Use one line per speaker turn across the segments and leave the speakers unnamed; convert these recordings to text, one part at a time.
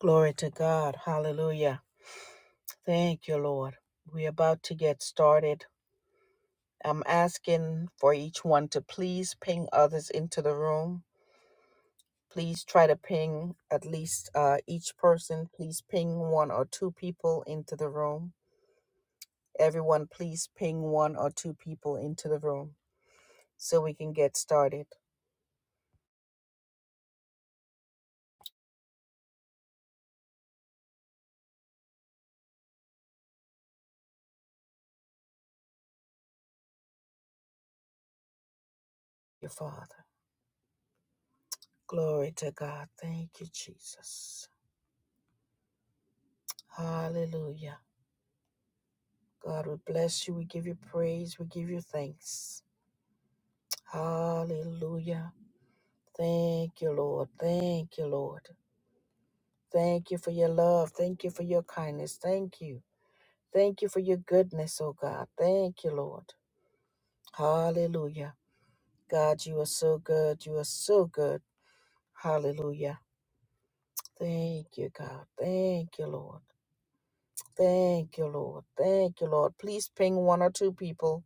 Glory to God. Hallelujah. Thank you, Lord. We're about to get started. I'm asking for each one to please ping others into the room. Please try to ping at least uh, each person. Please ping one or two people into the room. Everyone, please ping one or two people into the room so we can get started. Your Father. Glory to God. Thank you, Jesus. Hallelujah. God, we bless you. We give you praise. We give you thanks. Hallelujah. Thank you, Lord. Thank you, Lord. Thank you for your love. Thank you for your kindness. Thank you. Thank you for your goodness, oh God. Thank you, Lord. Hallelujah. God, you are so good. You are so good. Hallelujah. Thank you, God. Thank you, Lord. Thank you, Lord. Thank you, Lord. Please ping one or two people.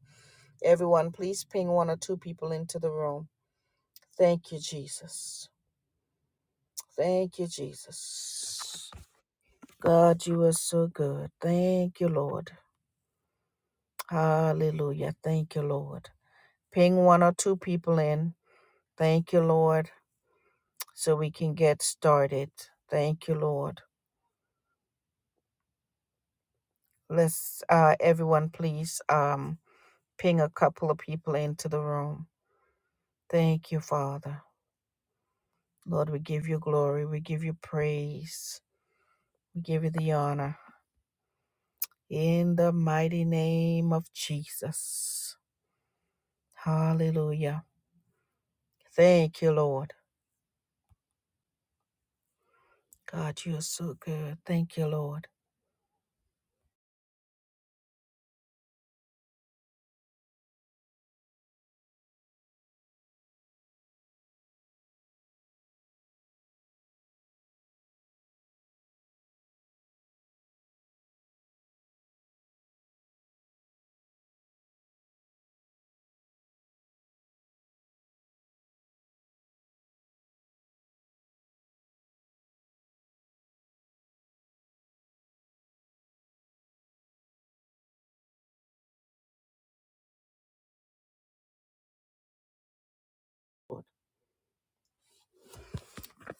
Everyone, please ping one or two people into the room. Thank you, Jesus. Thank you, Jesus. God, you are so good. Thank you, Lord. Hallelujah. Thank you, Lord. Ping one or two people in. Thank you, Lord, so we can get started. Thank you, Lord. Let's, uh, everyone, please um, ping a couple of people into the room. Thank you, Father. Lord, we give you glory. We give you praise. We give you the honor. In the mighty name of Jesus. Hallelujah. Thank you, Lord. God, you are so good. Thank you, Lord.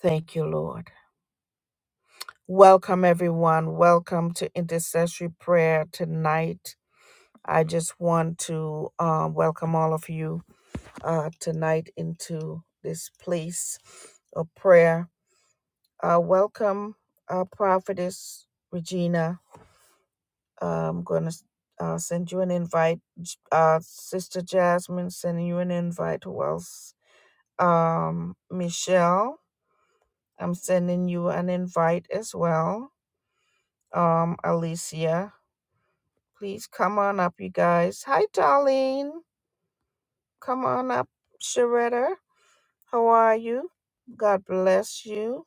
Thank you, Lord. Welcome, everyone. Welcome to intercessory prayer tonight. I just want to um, welcome all of you uh, tonight into this place of prayer. Uh, welcome, uh, Prophetess Regina. Uh, I'm going to uh, send you an invite. J- Uh, Sister Jasmine, sending you an invite. Who else? Um, Michelle. I'm sending you an invite as well. Um, Alicia, please come on up, you guys. Hi, Darlene. Come on up, Sharetta. How are you? God bless you.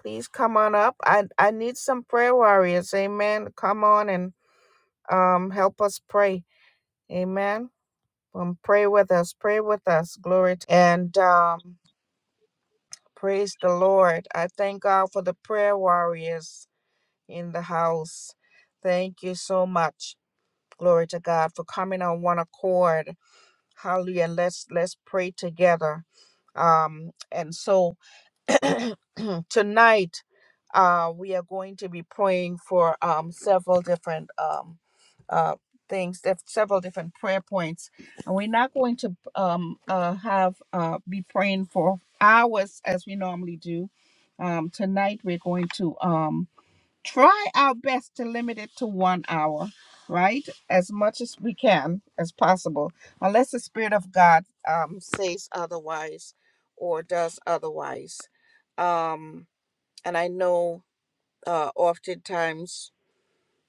Please come on up. I, I need some prayer warriors. Amen. Come on and um help us pray. Amen. Um, pray with us. Pray with us. Glory. To- and um, praise the Lord. I thank God for the prayer warriors in the house. Thank you so much. Glory to God for coming on one accord. Hallelujah. Let's let's pray together. Um, and so tonight uh, we are going to be praying for um, several different um, uh, things, def- several different prayer points, and we're not going to um, uh, have uh, be praying for hours as we normally do. Um, tonight we're going to. um try our best to limit it to one hour, right? As much as we can, as possible, unless the Spirit of God um, says otherwise or does otherwise. Um, and I know uh, oftentimes,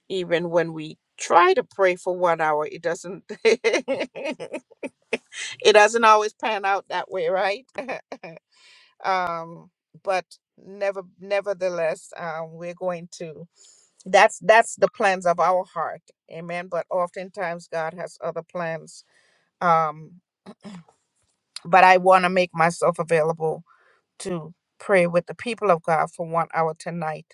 even when we try to pray for one hour, it doesn't. it doesn't always pan out that way, right? um, but never, nevertheless, um, we're going to. that's that's the plans of our heart amen but oftentimes god has other plans um but i want to make myself available to pray with the people of god for one hour tonight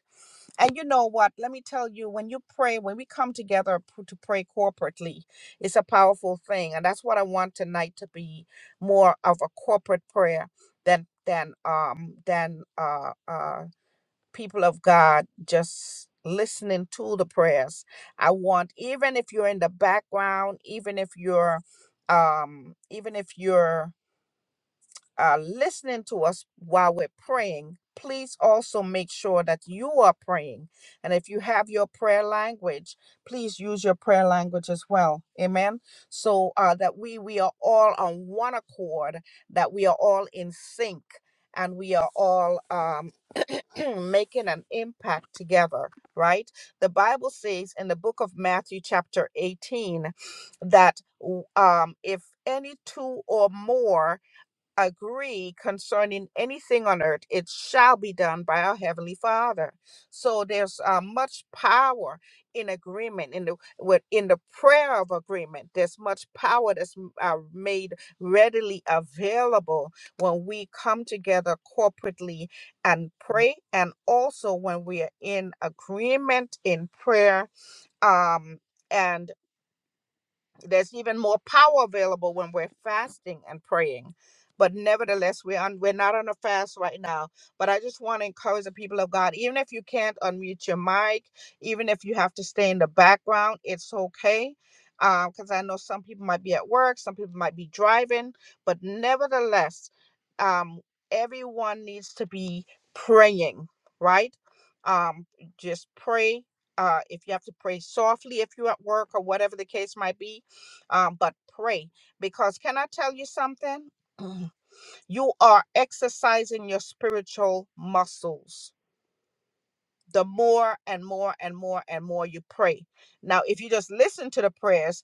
and you know what let me tell you when you pray when we come together p- to pray corporately it's a powerful thing and that's what i want tonight to be more of a corporate prayer than than um than uh uh people of God just listening to the prayers. I want even if you're in the background, even if you're um even if you're uh, listening to us while we're praying, please also make sure that you are praying. And if you have your prayer language, please use your prayer language as well. Amen. So uh, that we we are all on one accord, that we are all in sync, and we are all um, making an impact together. Right? The Bible says in the book of Matthew, chapter 18, that w- um, if any two or more agree concerning anything on earth, it shall be done by our heavenly Father. So there's uh, much power in agreement in the with- in the prayer of agreement. There's much power that's uh, made readily available when we come together corporately and pray, and also when we are in agreement in prayer. Um, and there's even more power available when we're fasting and praying. But nevertheless, we're on we're not on a fast right now. But I just want to encourage the people of God, even if you can't unmute your mic, even if you have to stay in the background, it's okay. Because I know some people might be at work, some people might be driving, but nevertheless, um, everyone needs to be praying, right? Um, just pray. Uh, if you have to pray softly, if you're at work or whatever the case might be, um, but pray. Because can I tell you something? you are exercising your spiritual muscles the more and more and more and more you pray. Now, if you just listen to the prayers,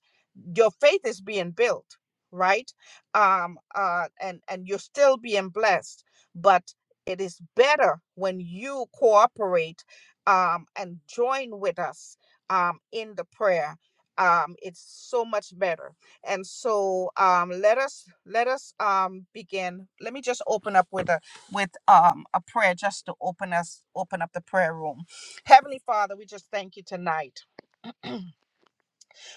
your faith is being built right um uh and and you're still being blessed but it is better when you cooperate um and join with us um in the prayer um it's so much better and so um let us let us um begin let me just open up with a with um a prayer just to open us open up the prayer room heavenly father we just thank you tonight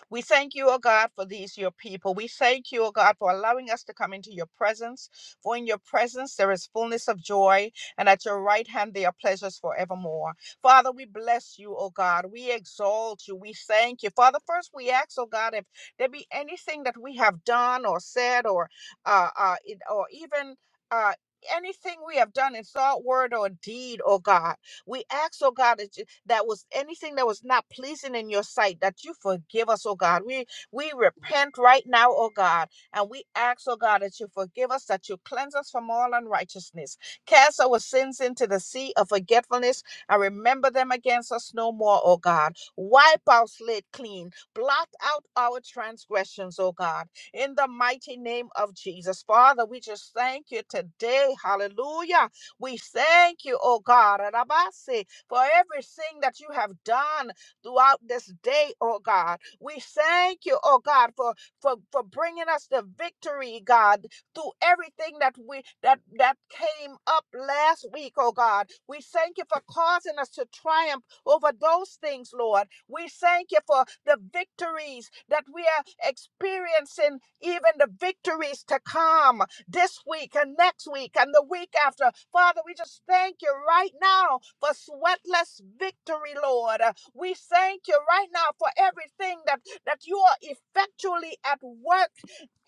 we thank you, O God, for these, your people. We thank you, O God, for allowing us to come into your presence. For in your presence there is fullness of joy, and at your right hand there are pleasures forevermore. Father, we bless you, O God. We exalt you. We thank you. Father, first we ask, O God, if there be anything that we have done or said or uh, uh, it- or even uh, anything we have done in thought, word, or deed, O God we ask, oh God, that, you, that was anything that was not pleasing in your sight, that you forgive us, oh God. We we repent right now, oh God, and we ask, oh God, that you forgive us, that you cleanse us from all unrighteousness. Cast our sins into the sea of forgetfulness and remember them against us no more, oh God. Wipe our slate clean. Blot out our transgressions, oh God. In the mighty name of Jesus. Father, we just thank you today. Hallelujah we thank you, oh God, Arabase, for everything that you have done throughout this day, oh God. We thank you, oh God, for for for bringing us the victory, God, through everything that we that that came up last week, oh God. We thank you for causing us to triumph over those things, Lord. We thank you for the victories that we are experiencing, even the victories to come this week and next week and the week after. Father, we just thank you right now for sweatless victory, Lord. Uh, We thank you right now for everything that, that you are effectually at work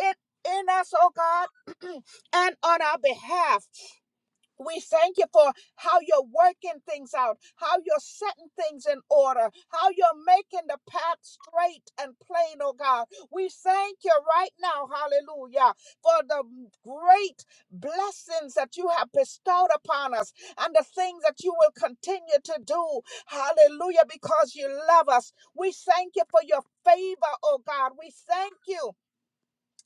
in, in us, oh God, and on our behalf. We thank you for how you're working things out, how you're setting things in order, how you're making the path straight and plain, oh God. We thank you right now, hallelujah, for the great blessings that you have bestowed upon us and the things that you will continue to do, hallelujah, because you love us. We thank you for your favor, oh God. We thank you.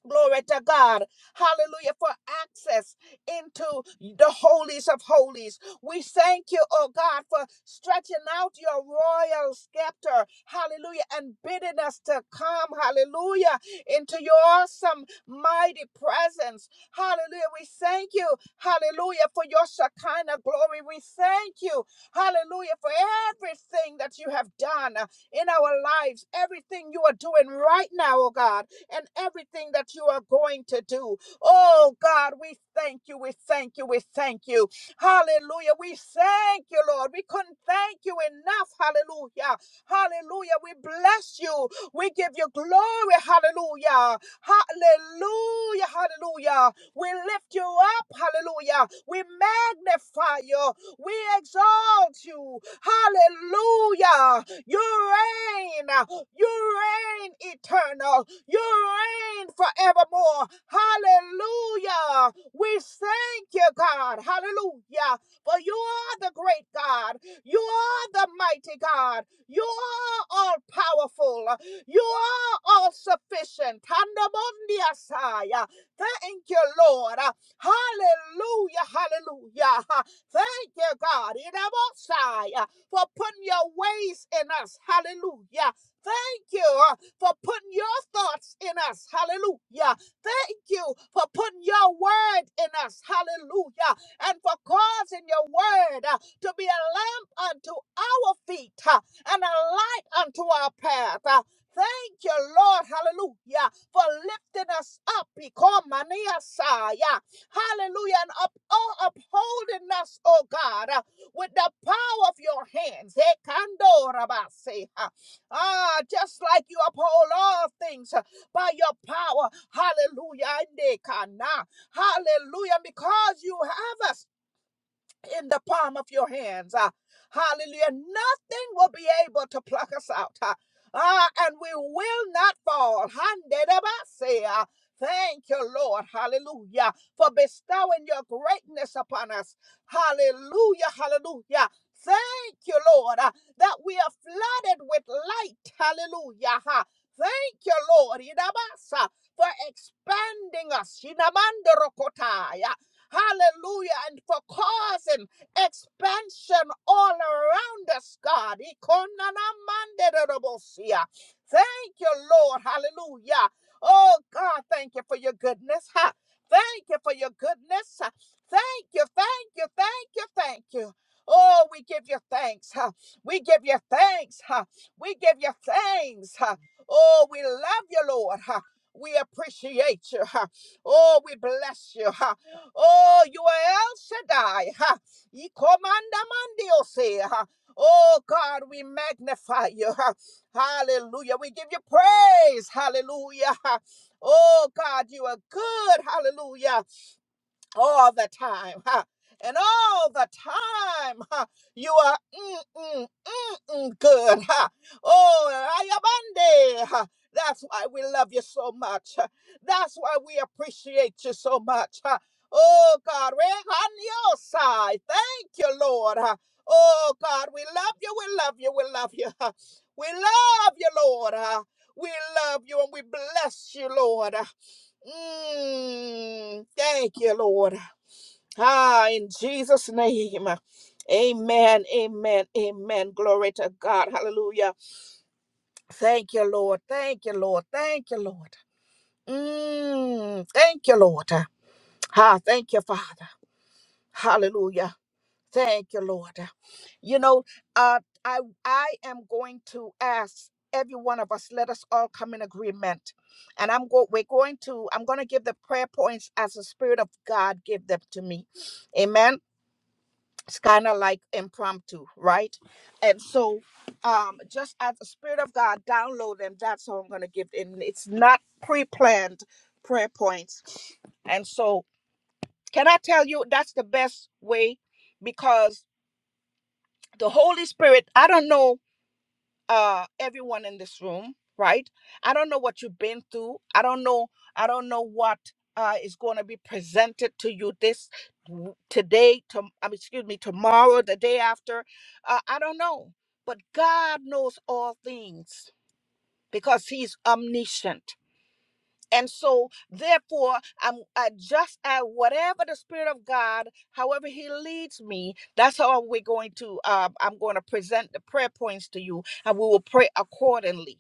Glory to God. Hallelujah for access into the holies of holies. We thank you, oh God, for stretching out your royal scepter. Hallelujah. And bidding us to come, hallelujah, into your awesome, mighty presence. Hallelujah. We thank you, hallelujah, for your Shekinah glory. We thank you, hallelujah, for everything that you have done in our lives, everything you are doing right now, oh God and everything that you are going to do. Oh God, we thank you, we thank you, we thank you. Hallelujah. We thank you, Lord. We couldn't thank you enough. Hallelujah. Hallelujah. We bless you. We give you glory. Hallelujah. Hallelujah. Hallelujah. We lift you up. Hallelujah. We magnify you. We exalt you. Hallelujah. You reign. You reign eternal. You reign forevermore. Hallelujah. We thank you, God. Hallelujah. For you are the great God. You are the mighty God. You are all powerful. You are all sufficient. Thank you, Lord. Hallelujah, hallelujah. Thank you, God, in our side, for putting your ways in us. Hallelujah. Thank you uh, for putting your thoughts in us. Hallelujah. Thank you for putting your word in us. Hallelujah. And for causing your word uh, to be a lamp unto our feet uh, and a light unto our path. Uh, Thank you, Lord. Hallelujah. For lifting us up. Ikomaniasaya. Hallelujah. And up, oh, upholding us, oh God, uh, with the power of your hands. Eh, kando rabase, uh, Ah, just like you uphold all things uh, by your power. Hallelujah. Ande kana. Hallelujah. Because you have us in the palm of your hands. ah. hallelujah. Nothing will be able to pluck us out. ah. Ah, and we will not fall. Handedabase, ah. Thank you, Lord. Hallelujah. For bestowing your greatness upon us. Hallelujah. Hallelujah. Thank you, Lord, ah, that we are flooded with light. Hallelujah. ha. Thank you, Lord, Idabasa, for expanding us. Shinamandorokotaya. Hallelujah. And for causing expansion all around us, God. Ikonanamanderobosia. Thank you, Lord. Hallelujah. Oh, God, thank you for your goodness. Ha. Thank you for your goodness. Ha. Thank you, thank you, thank you, thank you. Oh, we give you thanks. Ha. We give you thanks. Ha. We give you thanks. Ha. Oh, we love you, Lord. Ha. We appreciate you. Ha. Oh, we bless you. Ha. Oh, you are El Shaddai. Ha. Y comanda mandiose. Ha. Oh God, we magnify you. Ha. Hallelujah. We give you praise. Hallelujah. Ha. Oh God, you are good. Hallelujah. All the time. Ha. And all the time, ha. you are. mm, mm, mm, good. Ha. Oh, Ayabande. Ha. That's why we love you so much. Ha. That's why we appreciate you so much. Ha. Oh, God. we're on your side. Thank you, Lord. Ha. Oh, God. We love you. We love you. We love you. Ha. We love you, Lord. Ha. We love you and we bless you, Lord. Ha. Mm, thank you, Lord. Ah, in Jesus' name. Amen, amen, amen. Glory to God. Hallelujah. Thank you, Lord. Thank you, Lord. Thank you, Lord. Mm, thank you, Lord. Ah, thank you, Father. Hallelujah. Thank you, Lord. You know, uh, I I am going to ask every one of us. Let us all come in agreement, and I'm go. We're going to. I'm going to give the prayer points as the Spirit of God give them to me. Amen. it's kind of like impromptu, right? And so, um, just as the Spirit of God download, and that's how I'm going to give. it. And it's not pre-planned prayer points. And so, can I tell you that's the best way because the Holy Spirit. I don't know uh everyone in this room right i don't know what you've been through i don't know i don't know what uh is going to be presented to you this w- today to I mean, excuse me tomorrow the day after uh, i don't know but god knows all things because he's omniscient and so, therefore, I'm I just at whatever the Spirit of God, however He leads me, that's how we're going to. Uh, I'm going to present the prayer points to you, and we will pray accordingly.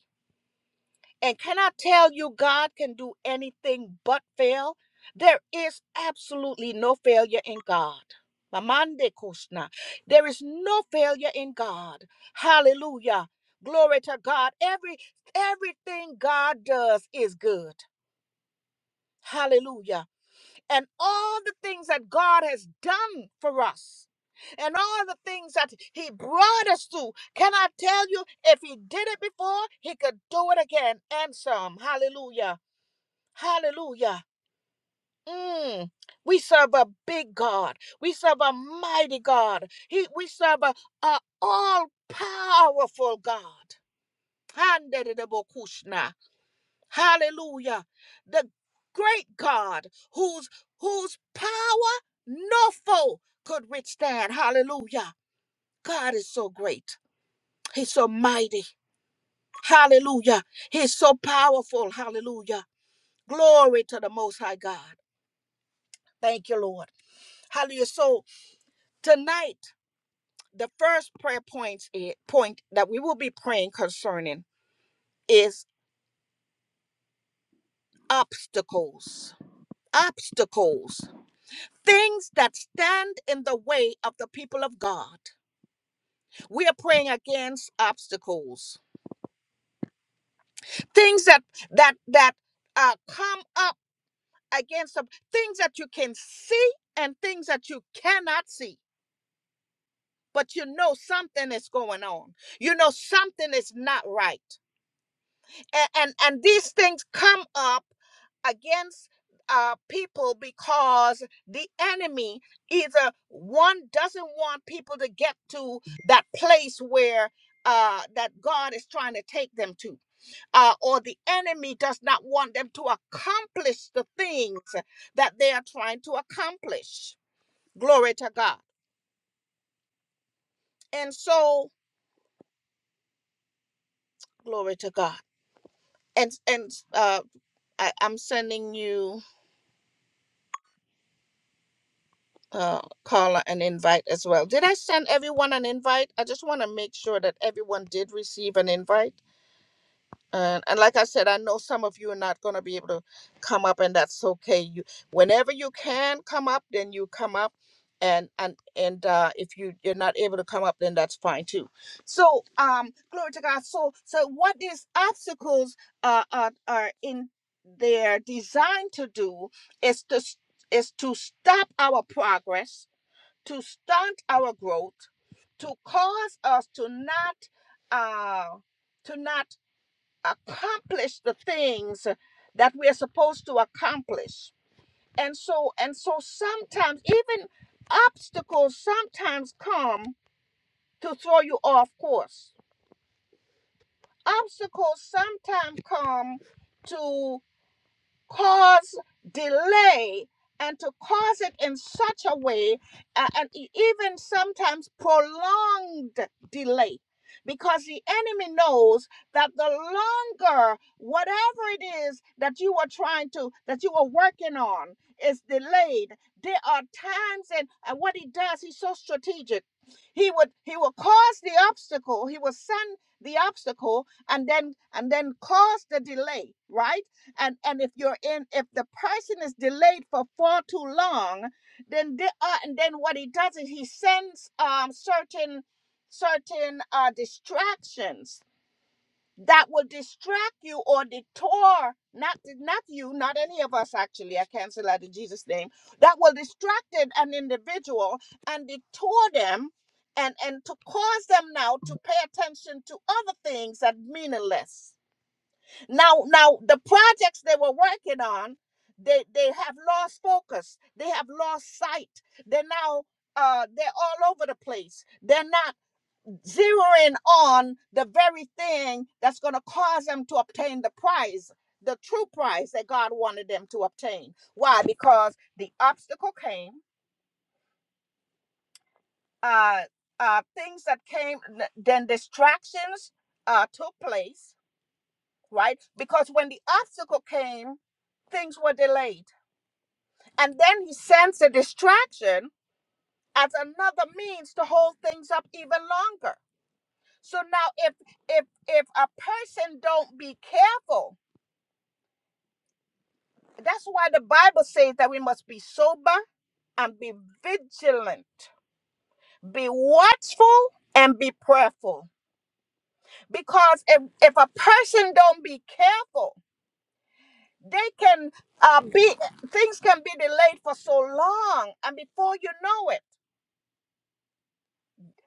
And can I tell you, God can do anything but fail. There is absolutely no failure in God. Mamande Krishna. There is no failure in God. Hallelujah. Glory to God. Every everything God does is good. Hallelujah. And all the things that God has done for us and all the things that He brought us through, Can I tell you, if He did it before, He could do it again and some. Hallelujah. Hallelujah. Mm. We serve a big God. We serve a mighty God. He, we serve a, a all powerful God. Handedebokushna. Hallelujah. The great God whose whose power no foe could withstand. Hallelujah. God is so great. He's so mighty. Hallelujah. He's so powerful. Hallelujah. Glory to the most high God. Thank you, Lord. Hallelujah. So tonight, the first prayer points it point that we will be praying concerning is obstacles. Obstacles. things that stand in the way of the people of God. We are praying against obstacles, things that that that uh, come up against them, things that you can see and things that you cannot see. But you know something is going on. You know something is not right. and and, and these things come up against uh, people because the enemy either one doesn't want people to get to that place where uh, that God is trying to take them to uh, or the enemy does not want them to accomplish the things that they are trying to accomplish. Glory to God. And so, glory to God. And and uh, I, I'm sending you. uh, Carla an invite as well. Did I send everyone an invite? I just want to make sure that everyone did receive an invite. And, and like I said, I know some of you are not going to be able to come up, and that's okay. You, whenever you can come up, then you come up, and and and uh, if you you're not able to come up, then that's fine too. So, um, glory to God. So, so what these obstacles uh, are are in they're designed to do is to s- is to stop our progress to stunt our growth, to cause us to not uh, to not accomplish the things that we are supposed to accomplish. And so and so sometimes even obstacles sometimes come to throw you off course. Obstacles sometimes come to cause delay and to cause it in such a way uh, and e- even sometimes prolonged delay because the enemy knows that the longer whatever it is that you are trying to that you are working on is delayed there are times and, and what he does he's so strategic he would he will cause the obstacle he will send the obstacle and then and then cause the delay right and and if you're in if the person is delayed for far too long then they are and then what he does is he sends um certain certain uh distractions that will distract you or detour not not you not any of us actually i cancel that in jesus name that will distract an an individual and detour them and and to cause them now to pay attention to other things that meaningless now, now the projects they were working on, they they have lost focus. They have lost sight. They're now uh they're all over the place. They're not zeroing on the very thing that's going to cause them to obtain the prize, the true prize that God wanted them to obtain. Why? Because the obstacle came. Uh, uh, things that came, then distractions uh, took place right? Because when the obstacle came, things were delayed. And then he sends a distraction as another means to hold things up even longer. So now if if if a person don't be careful, that's why the Bible says that we must be sober and be vigilant, be watchful and be prayerful. Because if, if a person don't be careful, they can uh, be things can be delayed for so long and before you know it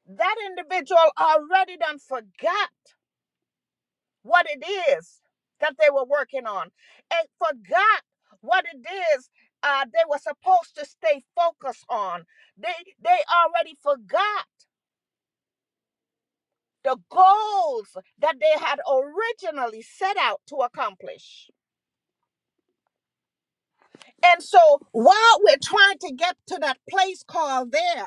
that individual already done forgot what it is that they were working on and forgot what it is uh, they were supposed to stay focused on they they already forgot the goals that they had originally set out to accomplish and so while we're trying to get to that place called there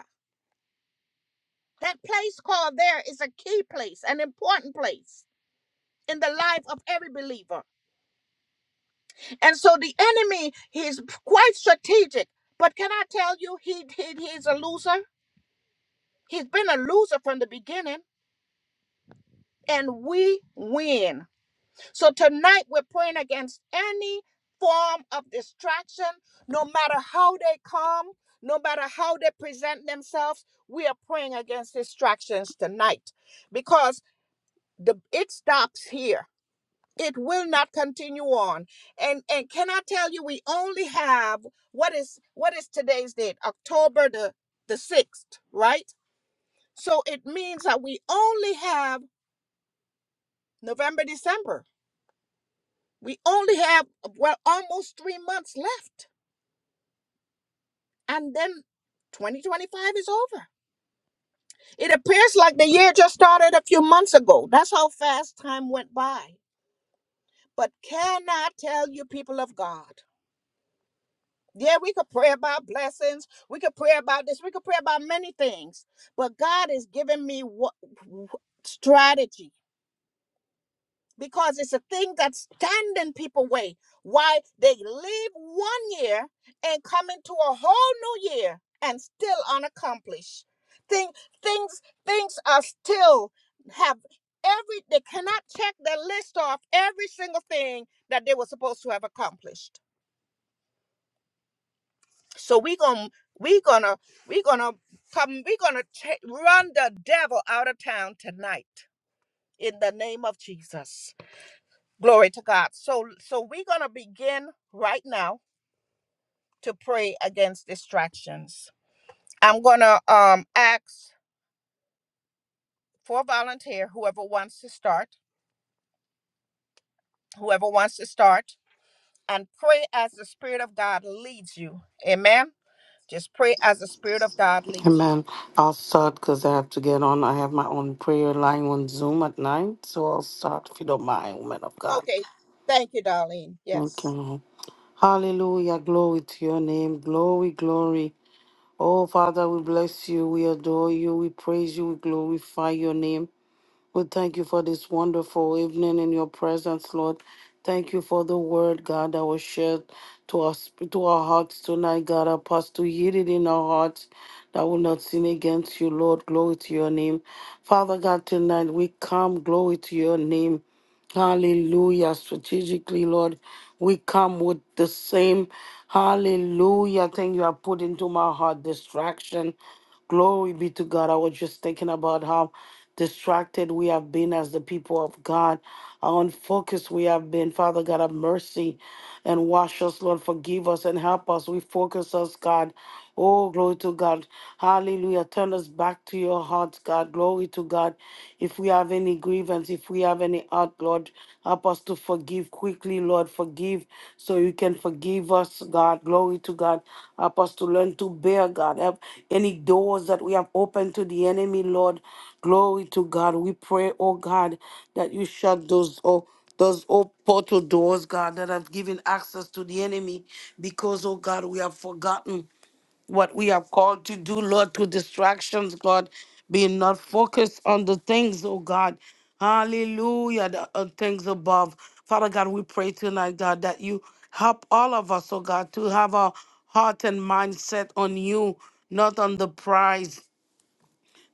That place called there is a key place, an important place in the life of every believer. And so the enemy, he's quite strategic. But can I tell you, he, he he's a loser. He's been a loser from the beginning, and we win. So tonight we're praying against any form of distraction, no matter how they come, no matter how they present themselves. We are praying against distractions tonight because the it stops here it will not continue on and and can i tell you we only have what is what is today's date october the the 6th right so it means that we only have november december we only have well almost 3 months left and then 2025 is over it appears like the year just started a few months ago that's how fast time went by but can i tell you people of god Yeah, we could pray about blessings. We could pray about this. We could pray about many things. But God is giving me what strategy because it's a thing that's standing people way. Why they leave one year and come into a whole new year and still unaccomplished. Thing, things things are still have every they cannot check their list off every single thing that they were supposed to have accomplished. So we gonna we gonna we gonna come we gonna ta- run the devil out of town tonight in the name of Jesus. Glory to God. So so we're gonna begin right now to pray against distractions. I'm gonna um ask for a volunteer, whoever wants to start, whoever wants to start, and pray as the Spirit of God leads you. Amen. Just pray as the Spirit of God leads you.
Amen. I'll start because I have to get on. I have my own prayer line on Zoom at night, so I'll start if you don't mind, woman of God.
Okay. Thank you, Darlene.
Thank you.
Yes.
Lord. Hallelujah. Glory to your name. Glory, glory. Oh, Father, we bless you. We adore you. We praise you. We glorify your name. We thank you for this wonderful evening in your presence, Lord. Thank you for the word, God, that was shared to us to our hearts tonight, God. Help us to hear it in our hearts that will not sin against you, Lord. Glory to your name. Father God, tonight we come, glory to your name. Hallelujah. Strategically, Lord, we come with the same hallelujah thing you have put into my heart distraction. Glory be to God. I was just thinking about how distracted we have been as the people of God, how unfocused we have been. Father God, have mercy and wash us, Lord. Forgive us and help us. We focus us, God. Oh, glory to God. Hallelujah. Turn us back to your heart, God. Glory to God. If we have any grievance, if we have any hurt, Lord, help us to forgive quickly, Lord. Forgive so you can forgive us, God. Glory to God. Help us to learn to bear, God. Help any doors that we have opened to the enemy, Lord. Glory to God. We pray, oh God, that you shut those, oh, those old portal doors, God, that have given access to the enemy because, oh God, we have forgotten what we are called to do, Lord, through distractions, God, being not focused on the things, oh God. Hallelujah, the uh, things above. Father God, we pray tonight, God, that you help all of us, oh God, to have our heart and mindset on you, not on the prize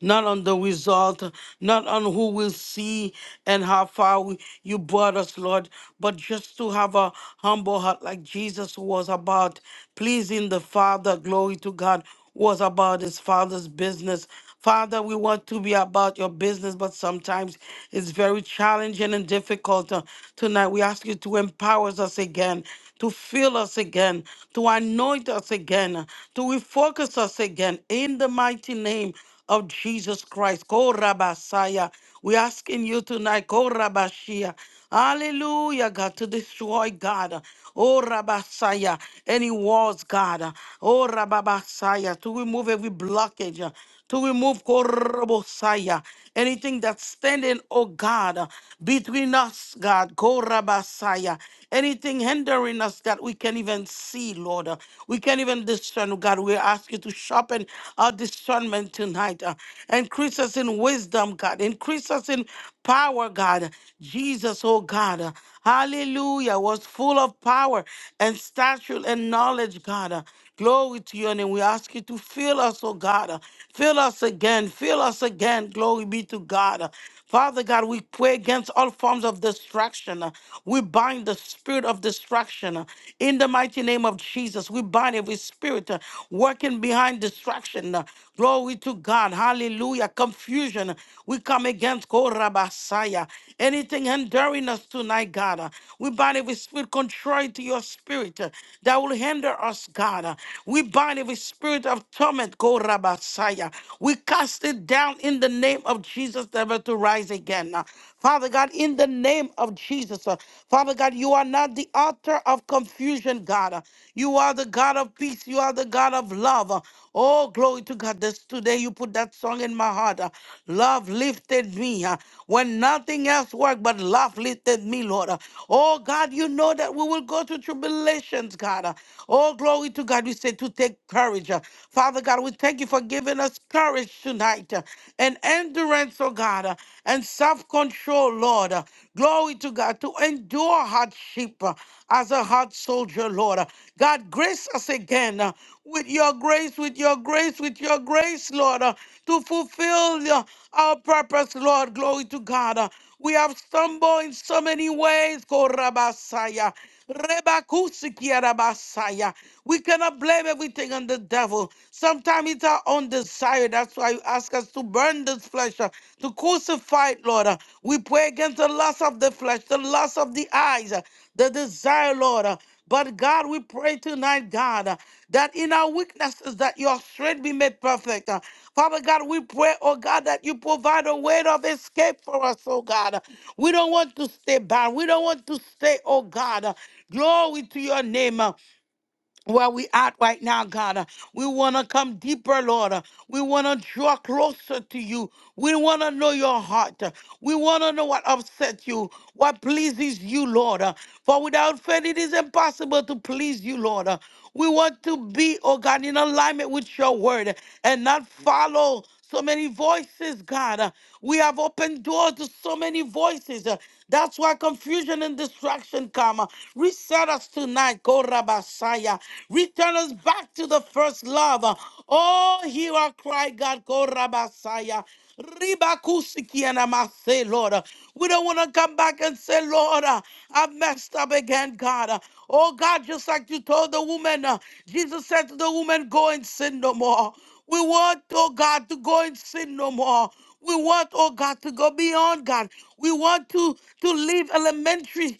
not on the result, not on who will see and how far we, you brought us, Lord, but just to have a humble heart like Jesus was about, pleasing the Father, glory to God, was about his Father's business. Father, we want to be about your business, but sometimes it's very challenging and difficult. Uh, Tonight, we ask you to empower us again, to fill us again, to anoint us again, to refocus us again in the mighty name of Jesus Christ. Ko Rabasaya. We're asking you tonight, Ko Rabashia. Hallelujah, God, to destroy God. Oh Rabasaya. Any walls, God. Oh Rababasaya. To remove every blockage. To remove Korabosaya. Anything that's standing, oh God, between us, God. Korabasaya. Anything hindering us that we can't even see, Lord. We can't even discern, God. We ask you to sharpen in our discernment tonight. uh, increase us in wisdom, God. Increase us in power, God. Jesus, oh God. uh, hallelujah. Was full of power and stature and knowledge, God. uh, glory to Your name. we ask you to fill us, oh God. uh, fill us again. Fill us again. Glory be to God. uh, Father God, we pray against all forms of distraction. We bind the spirit of distraction in the mighty name of Jesus. We bind every spirit uh, working behind distraction. Glory to God. Hallelujah. Confusion. We come against Korabasaya. Anything hindering us tonight, God. uh, We bind every spirit contrary to your spirit uh, that will hinder us, God. uh, we bind every spirit of torment, go Rabasaya. We cast it down in the name of Jesus, never to rise again. Uh, Father God, in the name of Jesus, uh, Father God, you are not the author of confusion, God. Uh, You are the God of peace. You are the God of love. Uh, Oh, glory to God. This today you put that song in my heart. uh, Love lifted me uh, when nothing else worked but love laugh lifted me, Lord. Uh, Oh God, you know that we will go through tribulations, God. Uh, Oh, glory to God. We say to take courage. Uh, Father God, we thank you for giving us courage tonight uh, and endurance, oh God, uh, and self control, Lord. Uh, Glory to God to endure hardship uh, as a hard soldier, Lord. Uh, God, grace us again uh, with your grace, with your grace grace, with your grace, Lord, uh, to fulfill uh, our purpose, Lord. Glory to God. Uh, we have stumbled in so many ways, Korabasaya. Rebakusikiarabasaya. We cannot blame everything on the devil. Sometimes it's our own desire. That's why you ask us to burn this flesh, uh, to crucify it, Lord. Uh, We pray against the lust of the flesh, the lust of the eyes, uh, the desire, Lord. uh, But God, we pray tonight, God. uh, that in our weaknesses that your strength be made perfect. Uh, Father God, we pray, oh God, that you provide a way of escape for us, oh God. We don't want to stay bound. We don't want to stay, oh God. Uh, Glory to your name uh, where we at right now, God. Uh, We want to come deeper, Lord. Uh, We want to draw closer to you. We want to know your heart. We want to know what upsets you, what pleases you, Lord. Uh, For without faith, it is impossible to please you, Lord. Uh, We want to be, oh God, in alignment with your word and not follow so many voices, God. Uh, We have opened doors to so many voices. Uh, That's why confusion and distraction come. Uh, Reset us tonight, Korabasaya. Return us back to the first love. Uh, Oh, hear our cry, God, Korabasaya. Ribakusikiana mase, Lord. uh, We don't want to come back and say, Lord, uh, I messed up again, God. uh, Oh, God, just like you told the woman, uh, Jesus said to the woman, Go and sin no more. We want, oh God, to go and sin no more. We want, oh God, to go beyond God. We want to, to leave elementary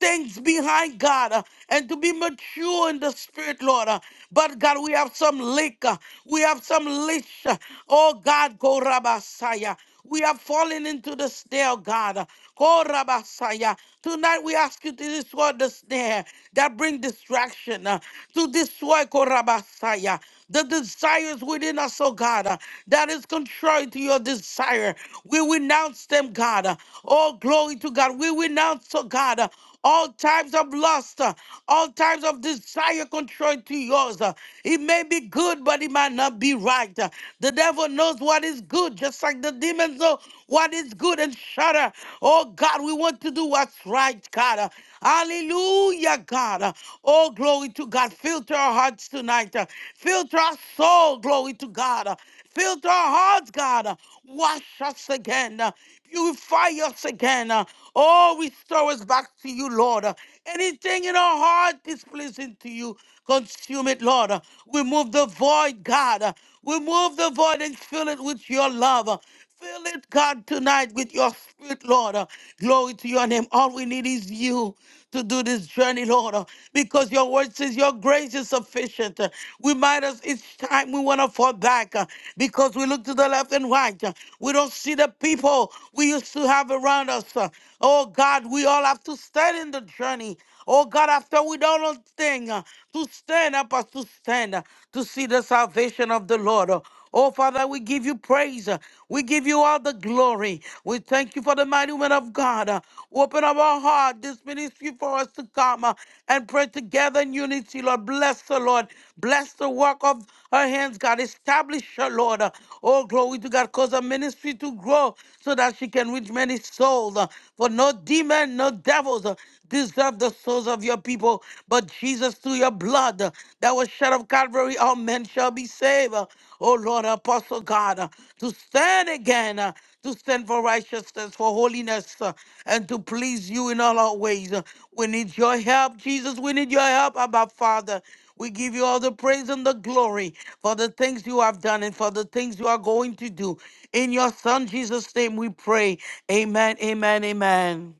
things behind, God, uh, and to be mature in the spirit, Lord. uh. But God, we have some lick. uh, we have some leash. uh, oh God, go Rabasaya. We are falling into the snare, God. Korabasaya. Tonight we ask you to destroy the snare that bring distraction, uh, to destroy Korabasaya, the desires within us, oh God, uh, that is contrary to your desire. We renounce them, God. Uh, Oh, glory to God. We renounce, oh God, uh, all types of lust, uh, all types of desire contrary to yours. uh, It may be good, but it might not be right. uh, the devil knows what is good, just like the demons know what is good and shudder. Oh God, we want to do what's right, God. Hallelujah, God. Oh, glory to God. Filter our hearts tonight. Filter our soul, glory to God. Filter our hearts, God. Wash us again. Purify us again. Oh, restore us back to you, Lord. Anything in our heart displeasing to you, consume it, Lord. Remove the void, God. Remove the void and fill it with your love. Fill it, God, tonight with your spirit, Lord. Uh, Glory to your name. All we need is you to do this journey, Lord, uh, because your word says your grace is sufficient. Uh, Remind us each time time we want to fall back uh, because we look to the left and right. uh, We don't see the people we used to have around us. uh. Oh God, we all have to stand in the journey. Oh God, after we done one thing, uh, to stand up as to stand, uh, to see the salvation of the Lord. Uh, Oh, Father, we give you praise. We give you all the glory. We thank you for the mighty women of God. Uh, Open up our heart, this ministry for us to come uh, and pray together in unity, Lord. Bless the Lord. Bless the work of her hands, God. Establish her, Lord. Uh, Oh, glory to God. Cause her ministry to grow so that she can reach many souls. Uh, For no demon, no devils uh, deserve the souls of your people. But Jesus, through your blood uh, that was shed of Calvary, all men shall be saved oh Lord, Apostle God, uh, to stand again, uh, to stand for righteousness, for holiness, uh, and to please you in all our ways. Uh, We need your help, Jesus. We need your help, Abba Father. We give you all the praise and the glory for the things you have done and for the things you are going to do. In your Son, Jesus' name, we pray. Amen, amen, amen.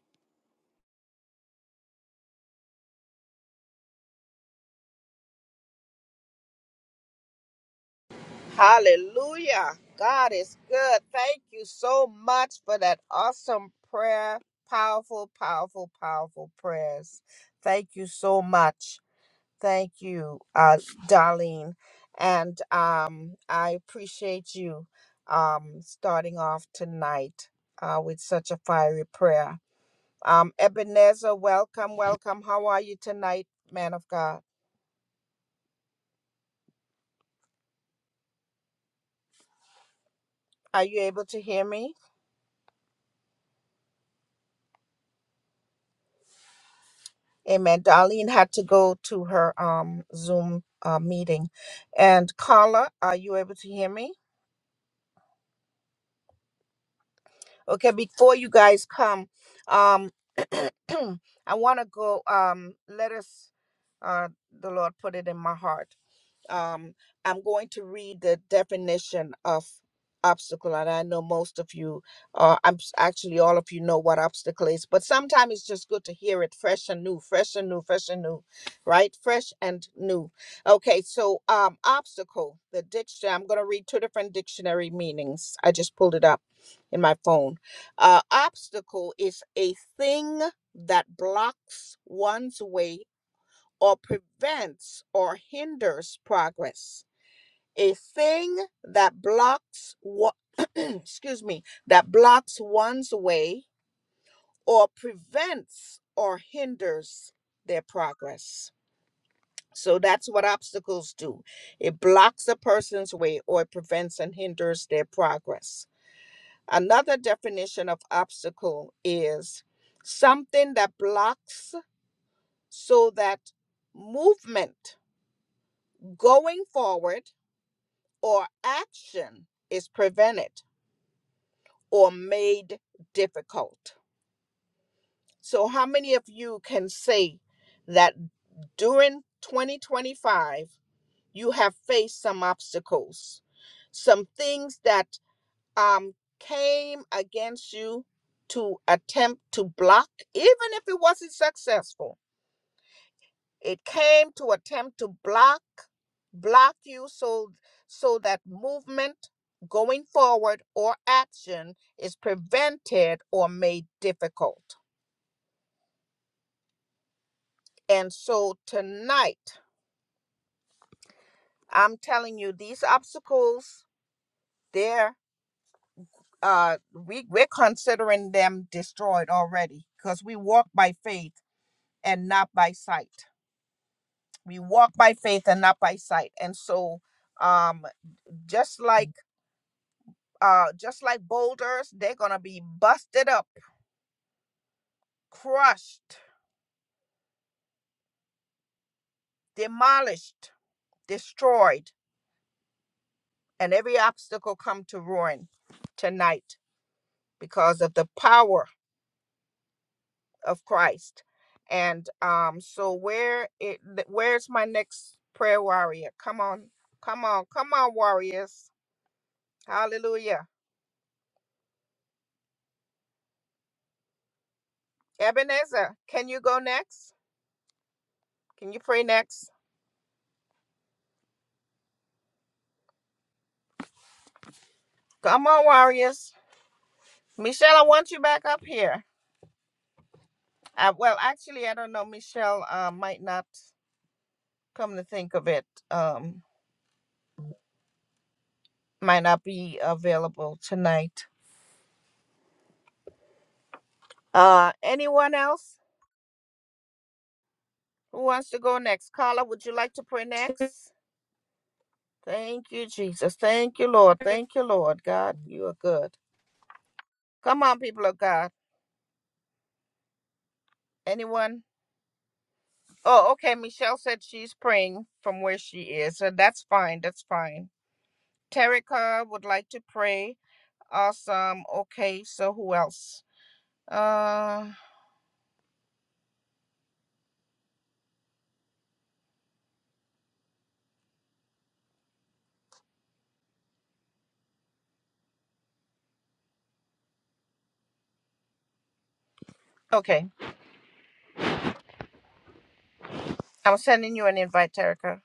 Hallelujah. God is good. Thank you so much for that awesome prayer. Powerful, powerful, powerful prayers. Thank you so much. Thank you, uh, Darlene. And um, I appreciate you um, starting off tonight uh, with such a fiery prayer. Um, Ebenezer, welcome, welcome. How are you tonight, man of God? Are you able to hear me? Amen. Darlene had to go to her um, Zoom uh, meeting. And Carla, are you able to hear me? Okay, before you guys come, um, I want to go, um, let us, uh, the Lord put it in my heart. um, I'm going to read the definition of obstacle, and I know most of you, uh, I'm s- actually all of you know what obstacle is, but sometimes it's just good to hear it fresh and new, fresh and new, fresh and new, right? Fresh and new. Okay, so um, obstacle, the dictionary. I'm going to read two different dictionary meanings. I just pulled it up in my phone. Uh, obstacle is a thing that blocks one's way or prevents or hinders progress. A thing that blocks what excuse me, that blocks one's way or prevents or hinders their progress. So that's what obstacles do. It blocks a person's way or it prevents and hinders their progress. Another definition of obstacle is something that blocks so that movement going forward or action is prevented or made difficult. So, how many of you can say that during 2025 you have faced some obstacles, some things that um, came against you to attempt to block, even if it wasn't successful? It came to attempt to block block you so so that movement going forward or action is prevented or made difficult. And so tonight, I'm telling you, these obstacles, they're uh we we're considering them destroyed already because we walk by faith and not by sight. We walk by faith and not by sight. And so um just like uh, just like boulders, they're going to be busted up, crushed, demolished, destroyed, and every obstacle come to ruin tonight because of the power of Christ. And um, so where it th- where's my next prayer warrior? Come on, come on, come on, warriors! Hallelujah. Ebenezer, can you go next? Can you pray next? Come on, warriors. Michelle, I want you back up here. Uh, well, actually, I don't know. Michelle uh, might not come to think of it. Um, might not be available tonight. Uh, anyone else who wants to go next? Carla, would you like to pray next? Thank you, Jesus. Thank you, Lord. Thank you, Lord. God, you are good. Come on, people of God. Anyone? Oh, okay. Michelle said she's praying from where she is, so that's fine. That's fine. Terica would like to pray. Awesome. Okay. So who else? Uh, Okay. I'm sending you an invite, Erica.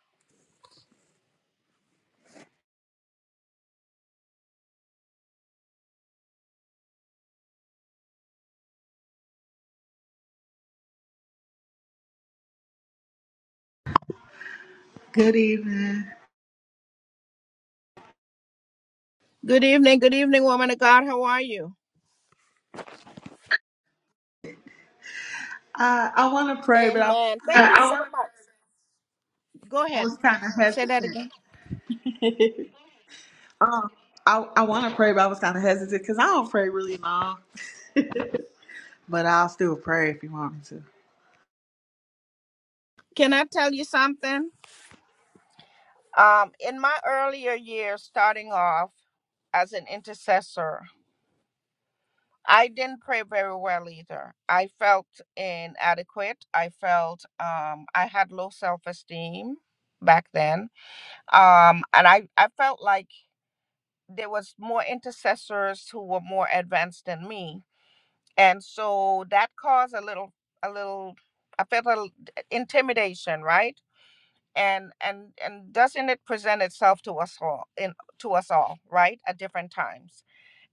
Good evening.
Good evening, good evening, woman of God. How are you?
I I want to pray, but I
Amen. Uh, Thank you so I- Go ahead.
was kind of
Say that
hesitant.
again.
Um, I I want to pray, but I was kind of hesitant because I don't pray really long. But I'll still pray if you want me to.
Can I tell you something? Um, in my earlier years, starting off as an intercessor, I didn't pray very well either. I felt inadequate. I felt um, I had low self esteem back then. Um, and I, I felt like there was more intercessors who were more advanced than me. and so that caused a little a little i felt a little intimidation right and and and doesn't it present itself to us all in to us all right at different times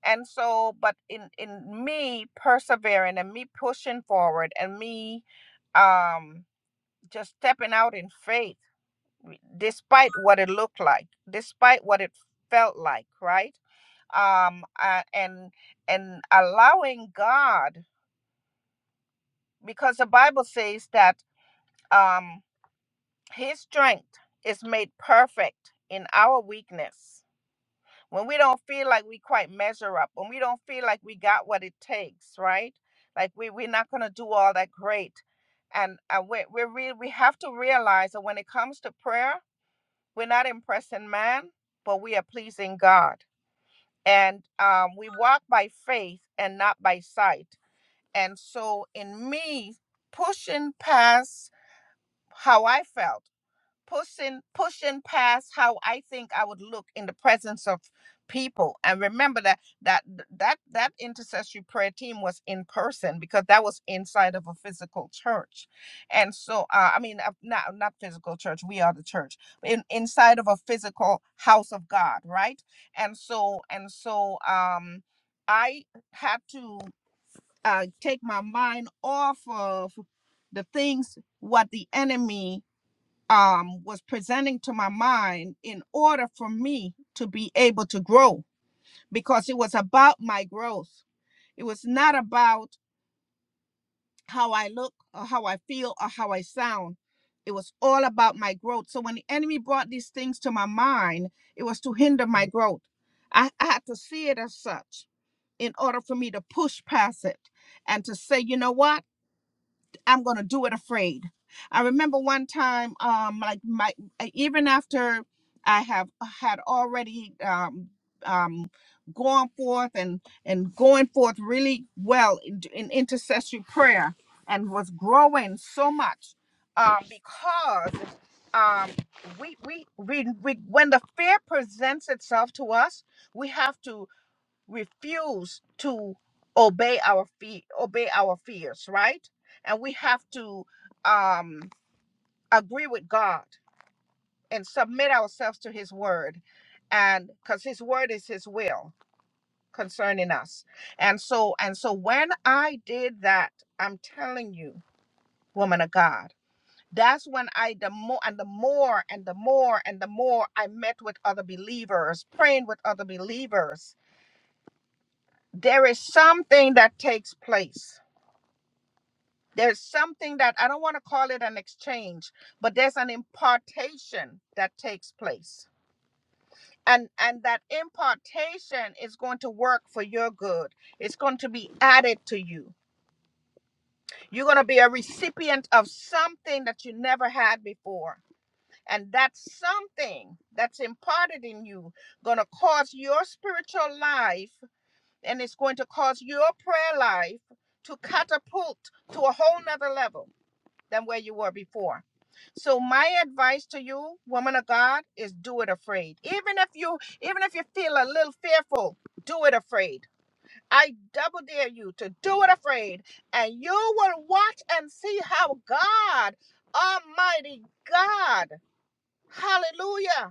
and so but in in me persevering and me pushing forward and me um just stepping out in faith despite what it looked like despite what it felt like right um uh, and and allowing god because the Bible says that um, His strength is made perfect in our weakness. When we don't feel like we quite measure up, when we don't feel like we got what it takes, right? Like we we're not gonna do all that great, and uh, we we re- we have to realize that when it comes to prayer, we're not impressing man, but we are pleasing God, and um, we walk by faith and not by sight. And so, in me pushing past how I felt, pushing pushing past how I think I would look in the presence of people. And remember that that that that intercessory prayer team was in person because that was inside of a physical church. And so uh, I mean uh, not not physical church, we are the church. In inside of a physical house of God, right? And so and so um I had to uh, take my mind off of the things what the enemy um, was presenting to my mind in order for me to be able to grow because it was about my growth. It was not about how I look or how I feel or how I sound. It was all about my growth. So when the enemy brought these things to my mind, it was to hinder my growth. I, I had to see it as such in order for me to push past it and to say, you know what? I'm gonna do it afraid. I remember one time, um, like my e, even after I have uh, had already um um gone forth and and going forth really well in, in intercessory prayer and was growing so much um because um we, we we we when the fear presents itself to us we have to refuse to obey our fe- obey our fears, right? And we have to um, agree with God and submit ourselves to His word, and because His word is His will concerning us. And so, and so, when I did that, I'm telling you, woman of God. That's when I the more and the more and the more and the more I met with other believers, praying with other believers. There is something that takes place there's something that I don't want to call it an exchange, but there's an impartation that takes place. And and that impartation is going to work for your good. It's going to be added to you. You're going to be a recipient of something that you never had before. And that something that's imparted in you going to cause your spiritual life and it's going to cause your prayer life to catapult to a whole nother level than where you were before. So my advice to you, woman of God, is do it afraid. Even if you even if you feel a little fearful, do it afraid. I double dare you to do it afraid, and you will watch and see how God, Almighty God, hallelujah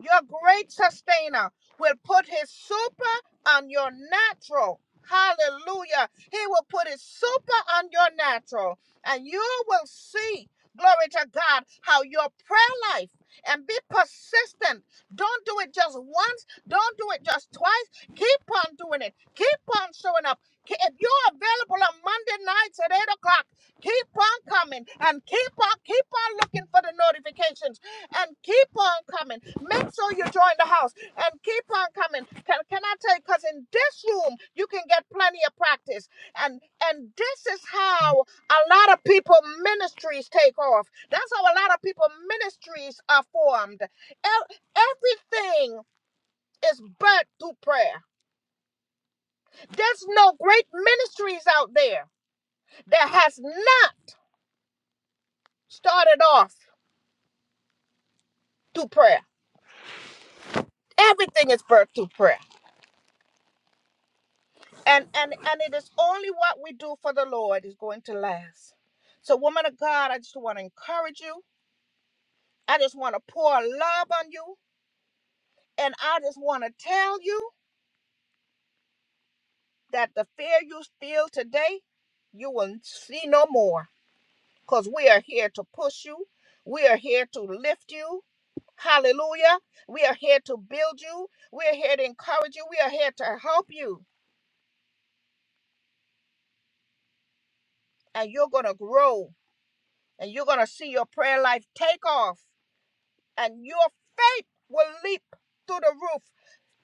your great sustainer will put his super on your natural. Hallelujah. He will put his super on your natural. And you will see, glory to God, how your prayer life and be persistent. Don't do it just once. Don't do it just twice. Keep on doing it. Keep on showing up. Ke- If you're available on Monday nights at 8 o'clock, keep on coming and keep on keep on looking for the notifications and keep on coming. Make sure you join the house and keep on coming. Can, can I tell you? Because in this room, you can get plenty of practice. And and this is how a lot of people ministries take off. That's how a lot of people ministries are formed. E, Everything is birthed through prayer. There's no great ministries out there that has not started off through prayer. Everything is birthed through prayer. and and and it is only what we do for the lord is going to last so woman of god i just want to encourage you i just want to pour love on you and i just want to tell you that the fear you feel today you will see no more because we are here to push you we are here to lift you hallelujah we are here to build you we are here to encourage you we are here to help you and you're going to grow and you're going to see your prayer life take off and your faith will leap through the roof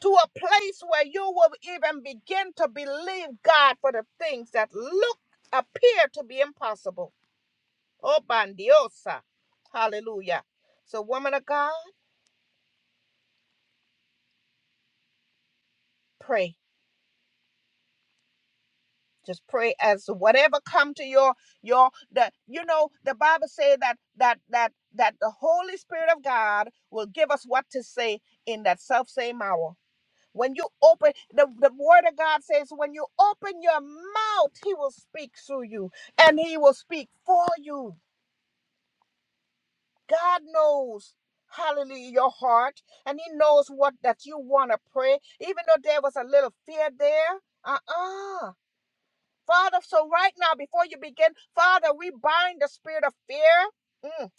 to a place where you will even begin to believe God for the things that look appear to be impossible. Oh, bandiosa. Hallelujah. So, woman of God, pray. Just pray as whatever come to your your the you know the Bible say that that that that the Holy Spirit of God will give us what to say in that self same hour. When you open, the, the word of God says, when you open your mouth, he will speak through you and he will speak for you. God knows, hallelujah, your heart and he knows what that you want to pray. Even though there was a little fear there, uh-uh. Father, so right now, before you begin, Father, we bind the spirit of fear. Mm.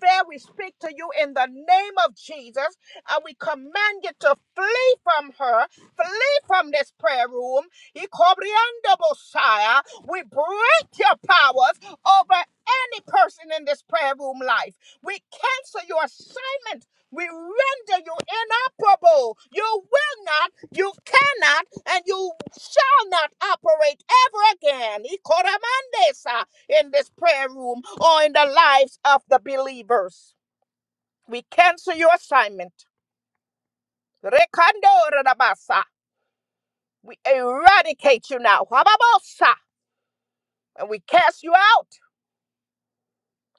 Fear, we speak to you in the name of Jesus, and we command you to flee from her, flee from this prayer room. We break your powers over any person in this prayer room life. We cancel your assignment. We render you inoperable. You will not you cannot and you shall not operate ever again Ikoramandesa, in this prayer room or in the lives of the believers. We cancel your assignment. Rekando radabasa. We eradicate you now. Hababosa. And we cast you out.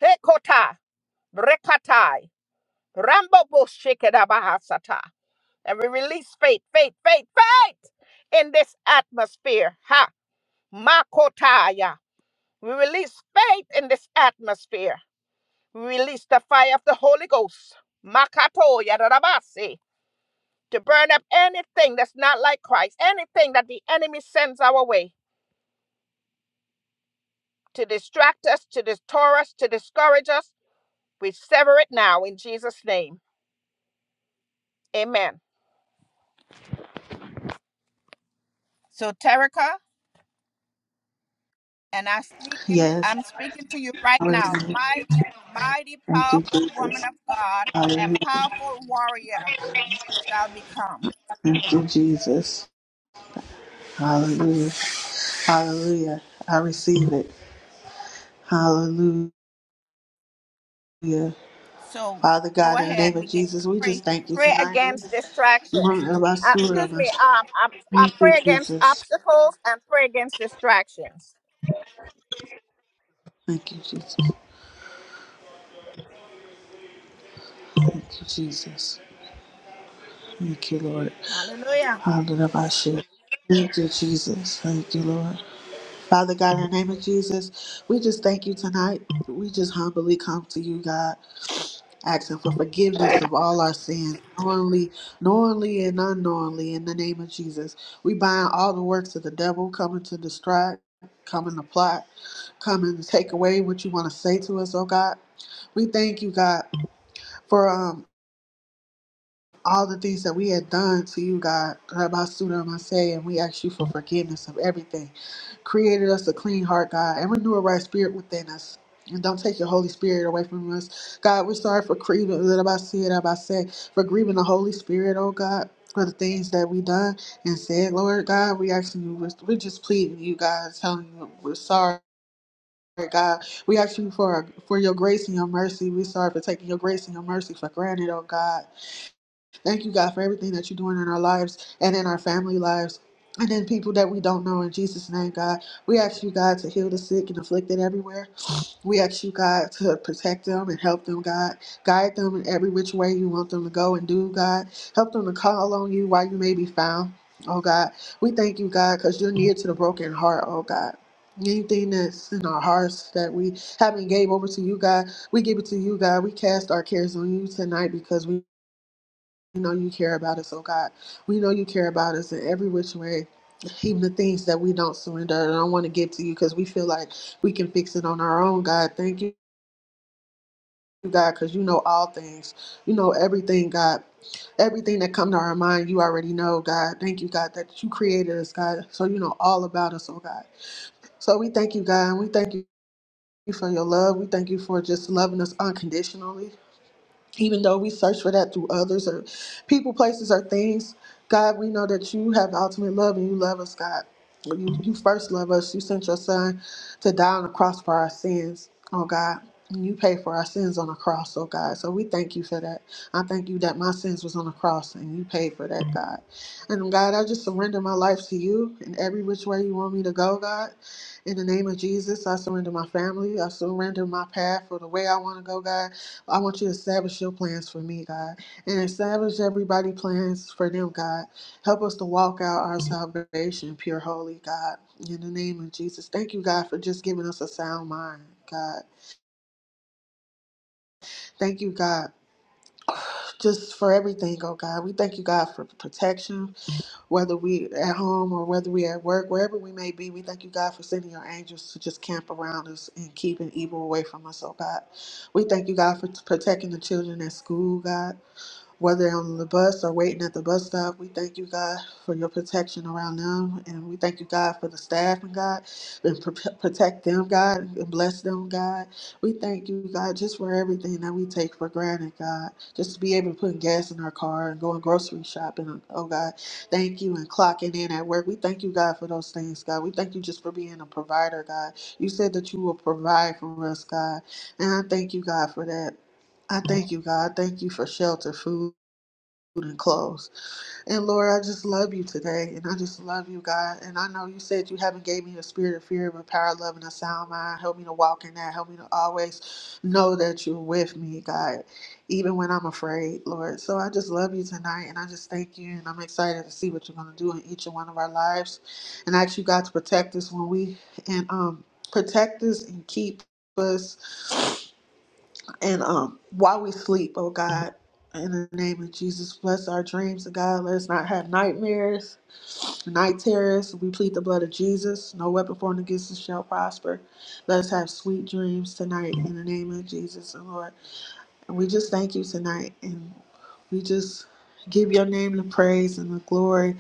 Hekota. Brekatai. Rambo bahasata. And we release faith, faith, faith, faith in this atmosphere. Ha. Makotaya. We release faith in this atmosphere. We release the fire of the Holy Ghost. Makato yadarabase. To burn up anything that's not like Christ, anything that the enemy sends our way to distract us, to distort us, to discourage us. We sever it now in Jesus' name. Amen. So, Terica, and I speaking,
Yes.
I'm speaking to you right now.
Hallelujah.
Mighty, mighty,
Thank you,
powerful woman
Jesus.
of God and
Hallelujah.
powerful warrior you shall become.
Thank you, Jesus. Hallelujah. Hallelujah. I receive it. Hallelujah. Father
So go
God, in the
ahead,
name
and
of
begin to
Jesus, we
pray.
just thank you
Pray
tonight.
against
Thank
distractions. Uh, excuse me. Um, I, I
you,
pray against
Jesus.
obstacles and pray against distractions.
Thank you, Jesus. Thank you, Jesus. Thank you, Lord.
Hallelujah.
Hallelujah. Thank you, Jesus. Thank you, Lord. Father God, in the name of Jesus, we just thank you tonight. We just humbly come to you, God, asking for forgiveness of all our sins, knowingly, knowingly and unknowingly, in the name of Jesus. We bind all the works of the devil coming to distract, coming to plot, coming to take away what you want to say to us, oh God. We thank you, God, for um all the things that we had done to you, God, about Suda Masay, and we ask you for forgiveness of everything. Created us a clean heart, God, and renew a right spirit within us. And don't take your Holy Spirit away from us. God, we're sorry for grieving, for grieving the Holy Spirit, oh God, for the things that we done and said, Lord God. We asking you, we're, we're just pleading you, God, telling you we're sorry. God, we ask you for for your grace and your mercy. We are sorry for taking your grace and your mercy for granted, oh God. Thank you, God, for everything that you're doing in our lives and in our family lives. And in people that we don't know, in Jesus' name, God, we ask you, God, to heal the sick and afflicted everywhere. We ask you, God, to protect them and help them, God. Guide them in every which way you want them to go and do, God. Help them to call on you while you may be found, oh God. We thank you, God, because you're near to the broken heart, oh God. Anything that's in our hearts that we haven't gave over to you, God, we give it to you, God. We cast our cares on you tonight because we we know you care about us, oh God. We know you care about us in every which way. Even the things that we don't surrender and don't want to give to you because we feel like we can fix it on our own, God. Thank you, God, because you know all things. You know everything, God. Everything that comes to our mind, you already know, God. Thank you, God, that you created us, God. So you know all about us, oh God. So we thank you, God, and we thank you for your love. We thank you for just loving us unconditionally. even though we search for that through others or people, places, or things, God, we know that you have ultimate love and you love us, God. You, you first love us. You sent your son to die on the cross for our sins, oh God. And you paid for our sins on the cross, oh God. So we thank you for that. I thank you that my sins was on the cross and you paid for that, God. And God, I just surrender my life to you in every which way you want me to go, God. In the name of Jesus, I surrender my family. I surrender my path for the way I want to go, God. I want you to establish your plans for me, God, and establish everybody plans for them, God. Help us to walk out our salvation, pure, holy, God. In the name of Jesus, thank you, God, for just giving us a sound mind, God. Thank you, God, just for everything, oh God. We thank you, God, for protection, whether we at home or whether we at work, wherever we may be. We thank you, God, for sending your angels to just camp around us and keeping evil away from us, oh God. We thank you, God, for protecting the children at school, God. whether on the bus or waiting at the bus stop, we thank you, God, for your protection around them. And we thank you, God, for the staff and God, and pro- protect them, God, and bless them, God. We thank you, God, just for everything that we take for granted, God. Just to be able to put gas in our car and going grocery shopping, oh God. Thank you, and clocking in at work. We thank you, God, for those things, God. We thank you just for being a provider, God. You said that you will provide for us, God. And I thank you, God, for that. I thank you, God. I Thank you for shelter, food food and clothes. And Lord, I just love you today, and I just love you, God. And I know you said you haven't gave me a spirit of fear, but power, love, and a sound mind. Help me to walk in that. Help me to always know that you're with me, God, even when I'm afraid, Lord. So I just love you tonight, and I just thank you, and I'm excited to see what you're gonna do in each and one of our lives, and I ask you, God, to protect us when we and um protect us and keep us. And um, while we sleep, oh God, in the name of Jesus, bless our dreams, oh God. Let us not have nightmares, night terrors. We plead the blood of Jesus. No weapon formed against us shall prosper. Let us have sweet dreams tonight in the name of Jesus, and Lord. And we just thank you tonight. And we just give your name the praise and the glory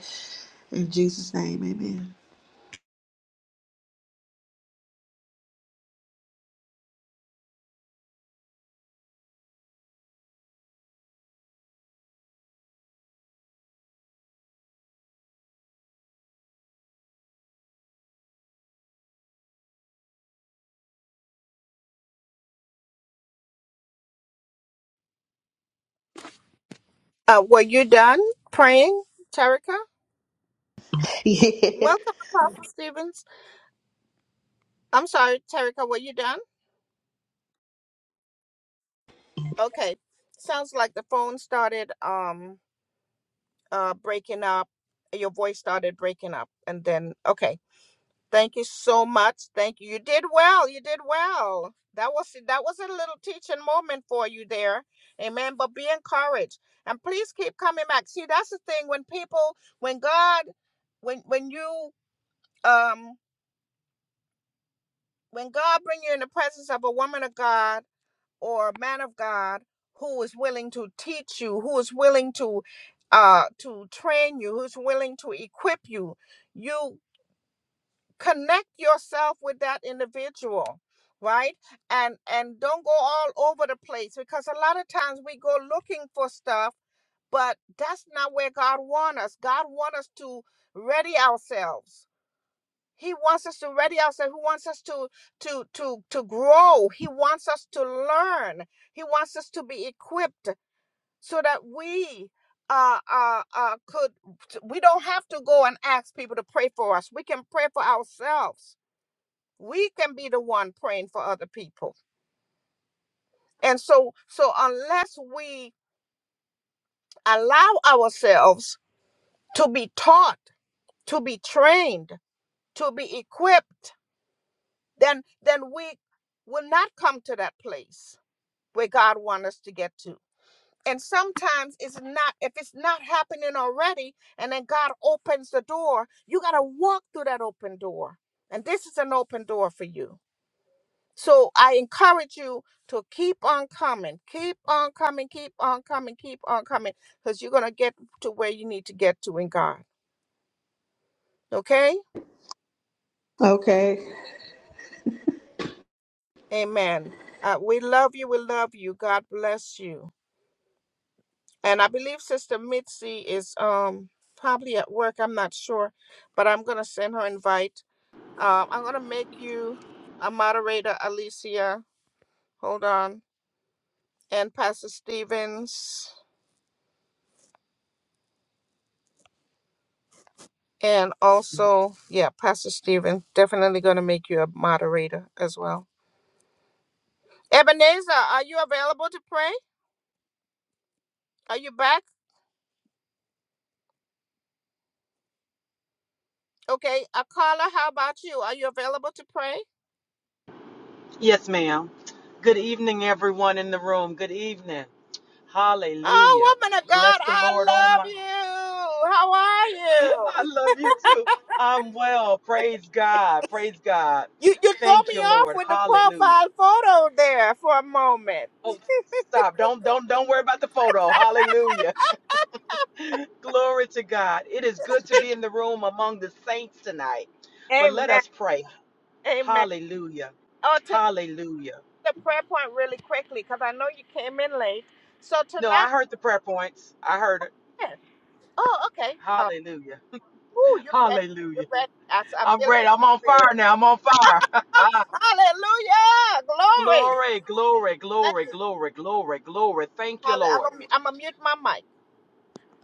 in Jesus' name. Amen.
Uh, were you done praying, Terica? Welcome, Apostle Stevens. I'm sorry, Terica. Were you done? Okay. Sounds like the phone started um uh breaking up. Your voice started breaking up, and then okay. Thank you so much. Thank you. You did well. You did well. That was that was a little teaching moment for you there. Amen. But be encouraged. And please keep coming back. See, that's the thing when people when God when when you um when God bring you in the presence of a woman of God or a man of God who is willing to teach you, who is willing to uh to train you, who's willing to equip you, you connect yourself with that individual right and and don't go all over the place because a lot of times we go looking for stuff but that's not where god wants us god wants us to ready ourselves he wants us to ready ourselves he wants us to to to to grow he wants us to learn he wants us to be equipped so that we uh, uh, uh, could we don't have to go and ask people to pray for us. We can pray for ourselves we can be the one praying for other people and so so unless we allow ourselves to be taught to be trained to be equipped then then we will not come to that place where god wants us to get to and sometimes it's not if it's not happening already and then god opens the door you got to walk through that open door and this is an open door for you So I encourage you to keep on coming, keep on coming, keep on coming, keep on coming, because you're going to get to where you need to get to in God. Okay? Amen. Uh, we love you. We love you. God bless you. And I believe Sister Mitzi is um probably at work. I'm not sure, but I'm going to send her invite. Uh, I'm going to make you a moderator, Alicia. Hold on. And Pastor Stevens. And also, yeah, Pastor Stephen, definitely going to make you a moderator as well. Ebenezer, are you available to pray? Are you back? Okay. Akala, how about you? Are you available to pray?
Yes, ma'am. Good evening, everyone in the room. Good evening. Hallelujah.
Oh, woman of
Bless
God,
the
I
Lord, oh
love
my.
you. How are you?
I love you too. I'm well. Praise God. Praise God.
You you throw
Thank you,
me off
Lord.
with the
Hallelujah.
profile photo there for a moment.
Oh, stop. Don't don't don't worry about the photo. Hallelujah. Glory to God. It is good to be in the room among the saints tonight. But let
Amen.
us pray.
Amen.
Hallelujah.
Oh, to
Hallelujah.
the prayer point really quickly because I know you came in late. So
No,
tonight,
I heard the prayer points. I heard it.
yeah. oh, okay.
Hallelujah.
Ooh, you're ready.
Hallelujah.
You're ready. I I
I'm
feel it
ready.
in
I'm
my
on
spirit.
fire now. I'm on fire.
Ah, hallelujah. Glory.
glory, glory,
Thank
glory,
you.
glory, glory, glory. Thank you,
Holly. I'm
Lord.
going I'm to mute my mic.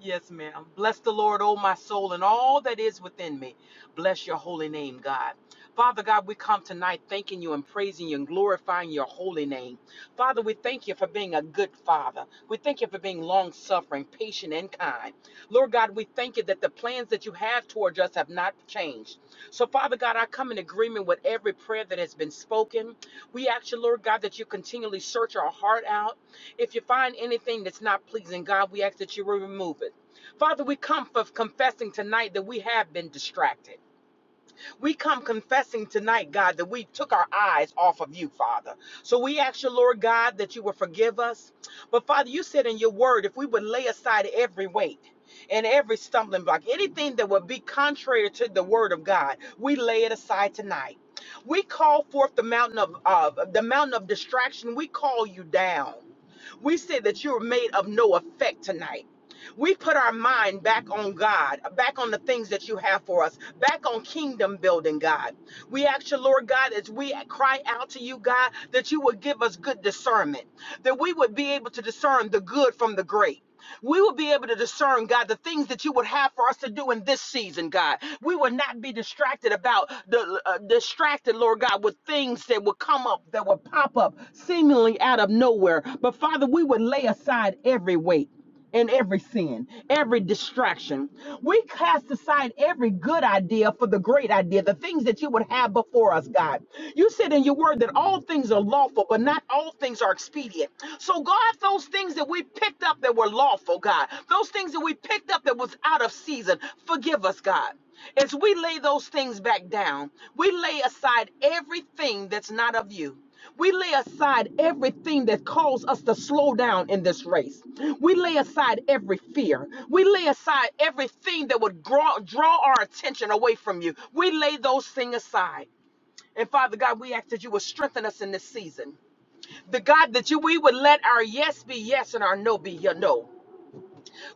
Yes, ma'am. Bless the Lord, oh my soul, and all that is within me. Bless your holy name, God. Father God, we come tonight thanking you and praising you and glorifying your holy name. Father, we thank you for being a good father. We thank you for being long suffering, patient, and kind. Lord God, we thank you that the plans that you have towards us have not changed. So, Father God, I come in agreement with every prayer that has been spoken. We ask you, Lord God, that you continually search our heart out. If you find anything that's not pleasing God, we ask that you will remove it. Father, we come for confessing tonight that we have been distracted. We come confessing tonight, God, that we took our eyes off of you, Father. So we ask you, Lord God, that you will forgive us. But Father, you said in your word, if we would lay aside every weight and every stumbling block, anything that would be contrary to the word of God, we lay it aside tonight. We call forth the mountain of uh, the mountain of distraction. We call you down. We say that you're made of no effect tonight. We put our mind back on God, back on the things that you have for us, back on kingdom building, God. We ask you, Lord God, as we cry out to you, God, that you would give us good discernment, that we would be able to discern the good from the great. We will be able to discern, God, the things that you would have for us to do in this season, God. We will not be distracted about the uh, distracted, Lord God, with things that will come up, that will pop up seemingly out of nowhere. But Father, we would lay aside every weight and every sin, every distraction. We cast aside every good idea for the great idea, the things that you would have before us, God. You said in your word that all things are lawful, but not all things are expedient. So, God, those things that we picked up that were lawful, God, those things that we picked up that was out of season, forgive us, God. As we lay those things back down, we lay aside everything that's not of you. We lay aside everything that caused us to slow down in this race. We lay aside every fear. We lay aside everything that would draw, draw our attention away from you. We lay those things aside. And Father God, we ask that you would strengthen us in this season. The God that you we would let our yes be yes and our no be your no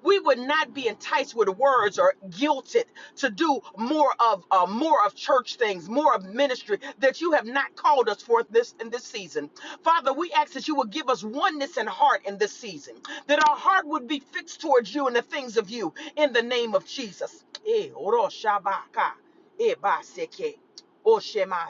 we would not be enticed with words or guilted to do more of uh, more of church things, more of ministry that you have not called us for this in this season. Father, we ask that you would give us oneness in heart in this season, that our heart would be fixed towards you and the things of you in the name of Jesus. Eh, oro shabaka, eh, ba seke, o shema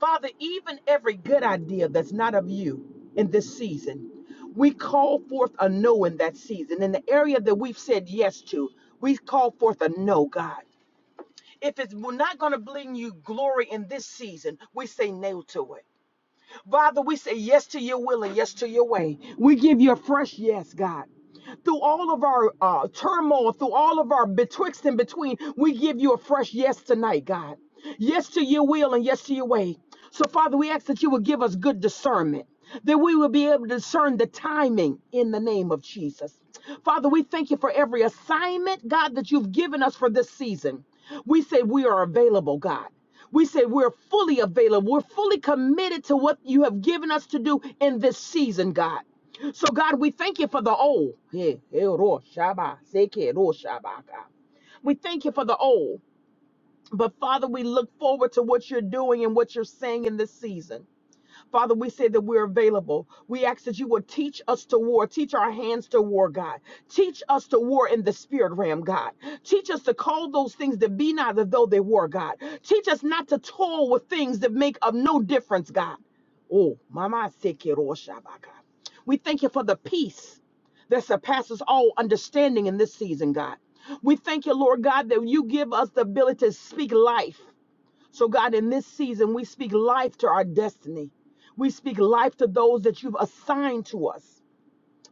Father, even every good idea that's not of you in this season, we call forth a no in that season. In the area that we've said yes to, we call forth a no, God. If it's we're not going to bring you glory in this season, we say no to it. Father, we say yes to your will and yes to your way. We give you a fresh yes, God through all of our uh, turmoil, through all of our betwixt and between, we give you a fresh yes tonight, God. Yes to your will and yes to your way. So, Father, we ask that you would give us good discernment, that we will be able to discern the timing in the name of Jesus. Father, we thank you for every assignment, God, that you've given us for this season. We say we are available, God. We say we're fully available. We're fully committed to what you have given us to do in this season, God. So, God, we thank you for the old. Yeah, eh, We thank you for the old. But, Father, we look forward to what you're doing and what you're saying in this season. Father, we say that we're available. We ask that you would teach us to war, teach our hands to war, God. Teach us to war in the spirit realm, God. Teach us to call those things that be not as though they were, God. Teach us not to toil with things that make of no difference, God. Oh, Mama Sekiro Shabaka. We thank you for the peace that surpasses all understanding in this season, God. We thank you, Lord God, that you give us the ability to speak life so, God, in this season, we speak life to our destiny. We speak life to those that you've assigned to us.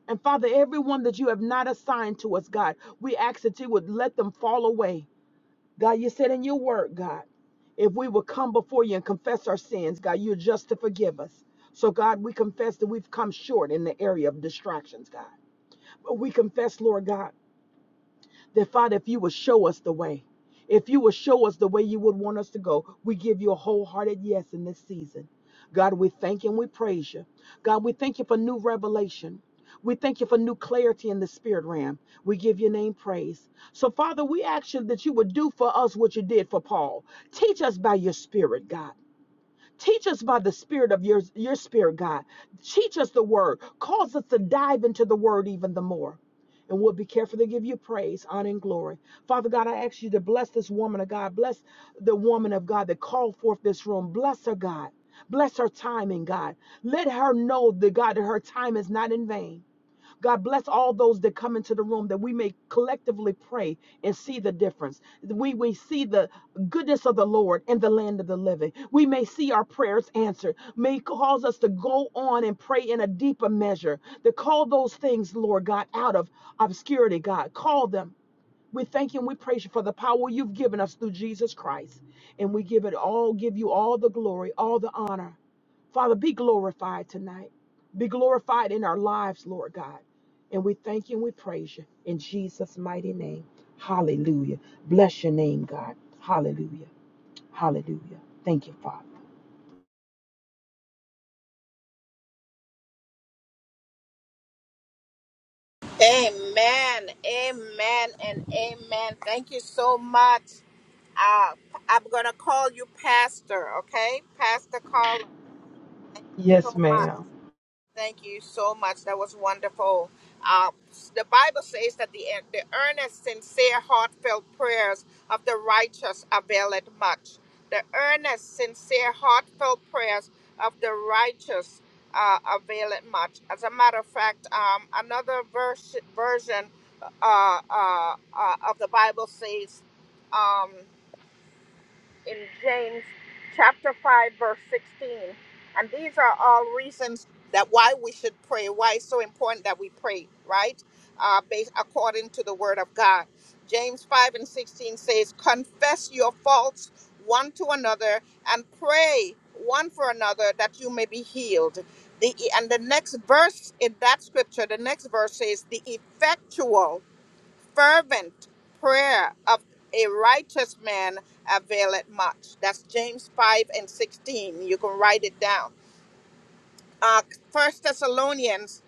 And Father, everyone that you have not assigned to us, God, we ask that you would let them fall away. God, you said in your word, God, if we would come before you and confess our sins, God, you're just to forgive us. So, God, we confess that we've come short in the area of distractions, God. But we confess, Lord God. That Father, if you will show us the way, if you will show us the way you would want us to go, we give you a wholehearted yes in this season. God, we thank you and we praise you. God, we thank you for new revelation. We thank you for new clarity in the spirit realm. We give your name praise. So, Father, we ask you that you would do for us what you did for Paul. Teach us by your spirit, God. Teach us by the spirit of your, your spirit, God. Teach us the word. Cause us to dive into the word even the more. And we'll be careful to give you praise, honor, and glory. Father God, I ask you to bless this woman of God. Bless the woman of God that called forth this room. Bless her, God. Bless her timing, God. Let her know that God that her time is not in vain. God bless all those that come into the room that we may collectively pray and see the difference. We we see the goodness of the Lord in the land of the living. We may see our prayers answered. May cause us to go on and pray in a deeper measure. To call those things, Lord God, out of obscurity, God. Call them. We thank you and we praise you for the power you've given us through Jesus Christ. And we give it all, give you all the glory, all the honor. Father, be glorified tonight. Be glorified in our lives, Lord God. And we thank you and we praise you in Jesus' mighty name. Hallelujah. Bless your name, God. Hallelujah. Hallelujah. Thank you, Father.
Amen. Amen. And amen. Thank you so much. Uh, I'm going to call you Pastor, okay? Pastor Carla. Thank you
Yes,
so much.
ma'am.
Thank you so much. That was wonderful. Uh, the Bible says that the, the earnest, sincere, heartfelt prayers of the righteous availeth much. The earnest, sincere, heartfelt prayers of the righteous uh, availeth much. As a matter of fact, um, another verse, version uh, uh, uh, of the Bible says, um, in James chapter 5 verse 16. And these are all reasons that why we should pray, why it's so important that we pray, right? Uh, based according to the word of God. James 5 and 16 says, Confess your faults one to another and pray one for another that you may be healed. The, and the next verse in that scripture, the next verse says, The effectual fervent prayer of a righteous man availeth much. That's James 5 and 16. You can write it down. Uh, 1 Thessalonians,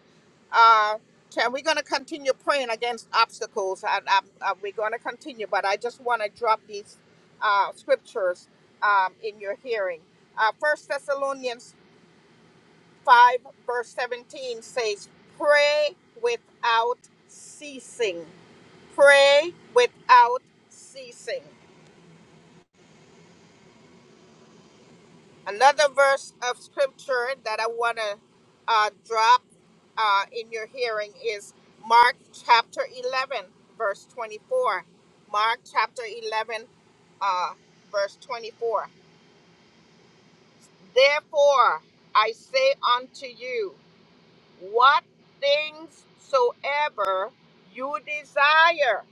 uh, cha- we're going to continue praying against obstacles. And um, uh, we're going to continue, but I just want to drop these uh, scriptures um, in your hearing. Uh, 1 Thessalonians 5, verse 17 says, Pray without ceasing. Pray without ceasing. Another verse of scripture that I want to uh, drop uh, in your hearing is Mark chapter 11, verse 24. Mark chapter 11, uh, verse 24. Therefore, I say unto you, what things soever you desire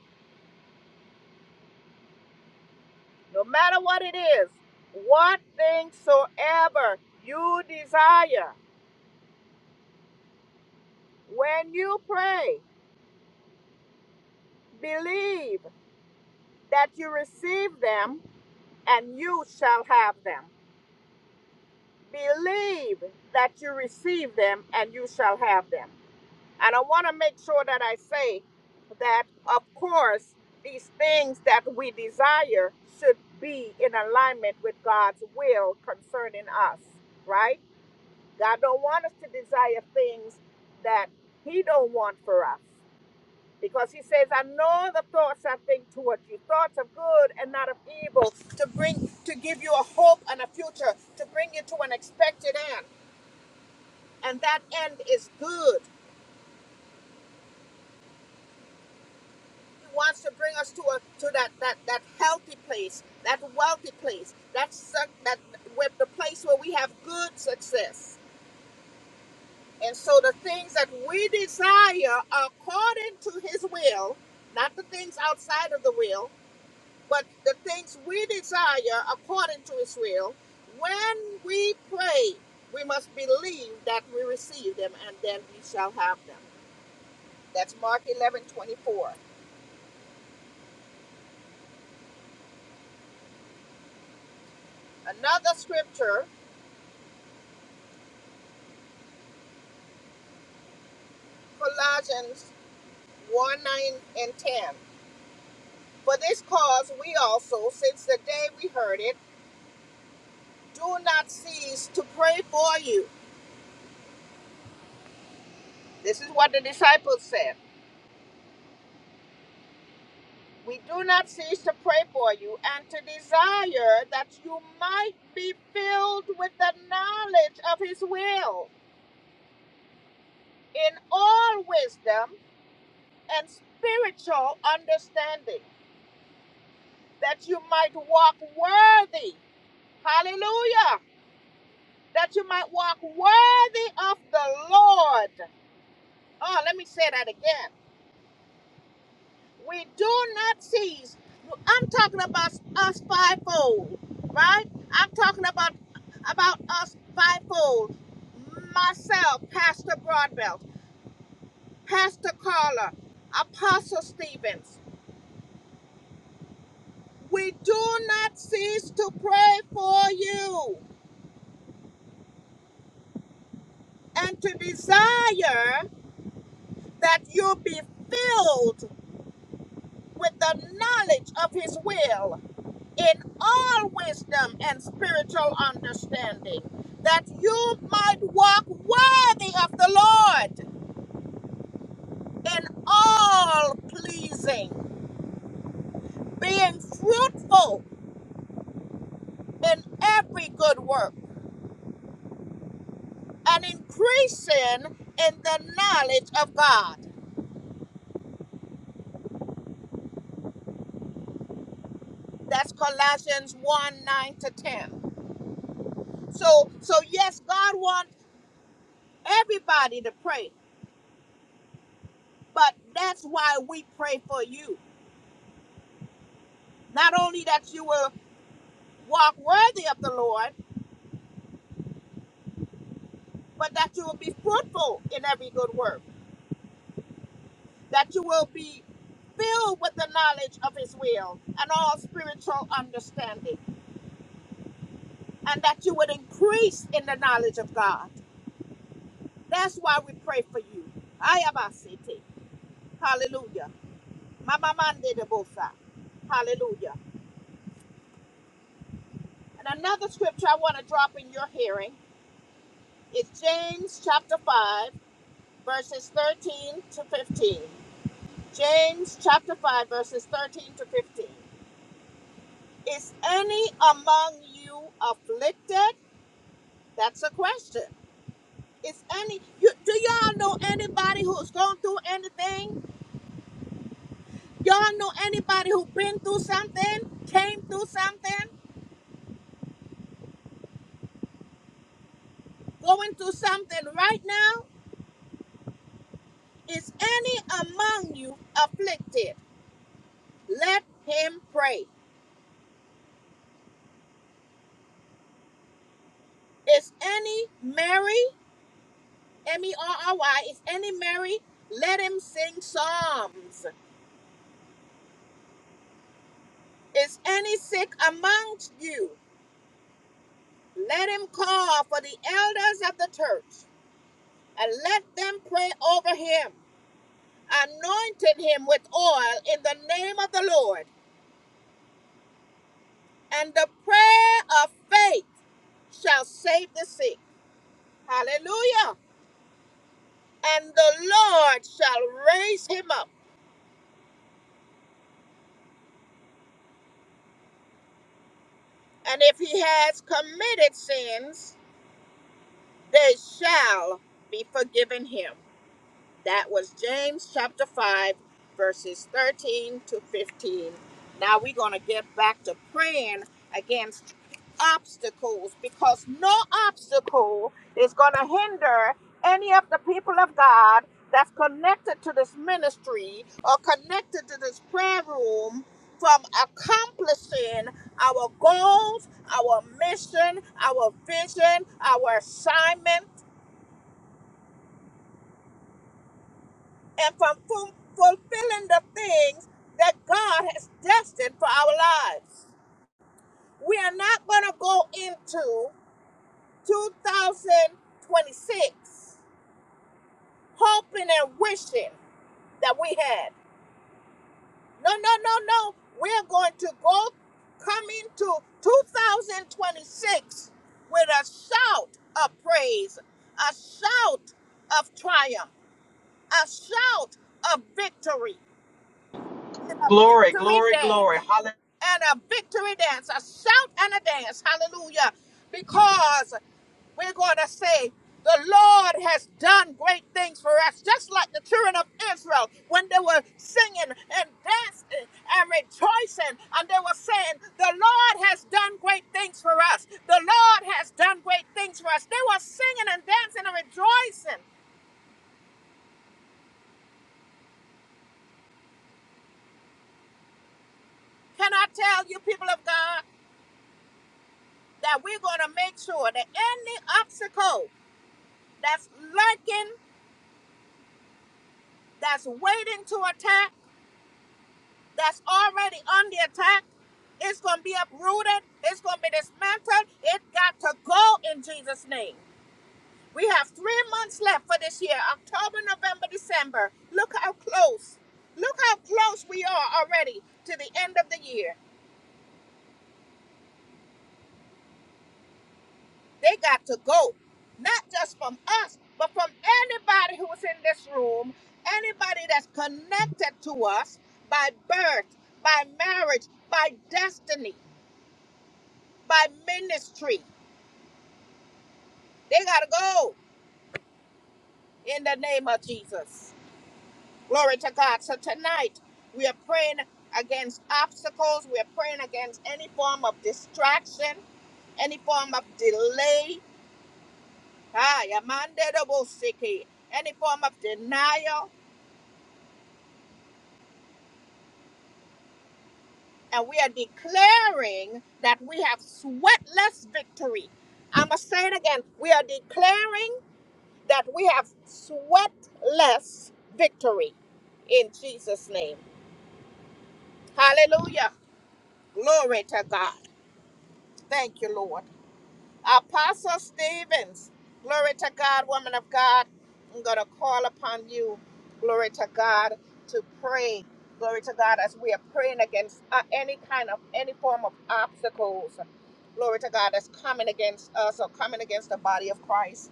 no matter what it is, what things soever you desire, when you pray, believe that you receive them and you shall have them. Believe that you receive them and you shall have them. And I want to make sure that I say that, of course, these things that we desire should be in alignment with God's will concerning us, right? God don't want us to desire things that He don't want for us. Because he says, I know the thoughts I think towards you, thoughts of good and not of evil, to bring to give you a hope and a future, to bring you to an expected end. And that end is good. He wants to bring us to a to that that, that healthy place, that wealthy place, that suc- that with the place where we have good success. And so the things that we desire according to his will, not the things outside of the will, but the things we desire according to his will, when we pray, we must believe that we receive them and then we shall have them. That's Mark 11 24. Another scripture, Colossians 1 9 and 10. For this cause we also, since the day we heard it, do not cease to pray for you This is what the disciples said. We do not cease to pray for you and to desire that you might be filled with the knowledge of his will in all wisdom and spiritual understanding, that you might walk worthy. Hallelujah. That you might walk worthy of the Lord. Oh, let me say that again. we do not cease. I'm talking about us fivefold, right? I'm talking about about us fivefold. Myself, Pastor Broadbelt, Pastor Carla, Apostle Stevens. We do not cease to pray for you and to desire that you be filled with the knowledge of His will in all wisdom and spiritual understanding, that you might walk worthy of the Lord in all pleasing, being fruitful in every good work and increasing in the knowledge of God. That's Colossians 1 9 to 10. So, so yes, God wants everybody to pray, but that's why we pray for you. Not only that you will walk worthy of the Lord, but that you will be fruitful in every good work, that you will be filled with the knowledge of His will and all spiritual understanding, and that you would increase in the knowledge of God. That's why we pray for you. Ayabasete. Hallelujah. Mama mande de bosa. Hallelujah. And another scripture I want to drop in your hearing is James chapter 5, verses 13 to 15. James chapter 5, verses 13 to 15. Is any among you afflicted? That's a question. Is any you do y'all know anybody who's gone through anything? Y'all know anybody who been through something, came through something, going through something right now? Is any among you afflicted? Let him pray. Is any merry, M E R R Y, is any merry? Let him sing psalms. Is any sick amongst you? Let him call for the elders of the church, and let them pray over him, anointing him with oil in the name of the Lord. And the prayer of faith shall save the sick. Hallelujah. And the Lord shall raise him up. And if he has committed sins, they shall be forgiven him. That was James chapter 5, verses 13 to 15. Now we're going to get back to praying against obstacles because no obstacle is going to hinder any of the people of God that's connected to this ministry or connected to this prayer room from accomplishing our goals, our mission, our vision, our assignment and from fu- fulfilling the things that God has destined for our lives. We are not going to go into 2026 hoping and wishing that we had. No, no, no, no. We're going to go come into 2026 with a shout of praise, a shout of triumph, a shout of victory, and a
Glory,
victory
glory,
dance.
glory. Hallelujah.
and a victory dance, a shout and a dance. Hallelujah. Because we're going to say, the Lord has done great things for us, just like the children of Israel when they were singing and dancing and rejoicing, and they were saying, The Lord has done great things for us. The Lord has done great things for us. They were singing and dancing and rejoicing. Can I tell you, people of God, that we're going to make sure that any obstacle that's lurking that's waiting to attack, that's already on the attack. It's going to be uprooted, it's going to be dismantled. It got to go in Jesus' name. We have three months left for this year October, November, December. Look how close. Look how close we are already to the end of the year. They got to go, not just from us, but from anybody who is in this room, anybody that's connected to us by birth, by marriage, by destiny. by ministry. They got to go in the name of Jesus. Glory to God. So tonight, we are praying against obstacles. We are praying against any form of distraction, any form of delay. Ah, yamande dobo seke. Any form of denial. And we are declaring that we have sweatless victory. I'm going to say it again. We are declaring that we have sweatless victory in Jesus' name. Hallelujah. Glory to God. Thank you, Lord. Apostle Stevens, glory to God, woman of God. I'm going to call upon you, glory to God, to pray. Glory to God, as we are praying against uh, any kind of, any form of obstacles. Glory to God, that's coming against us or coming against the body of Christ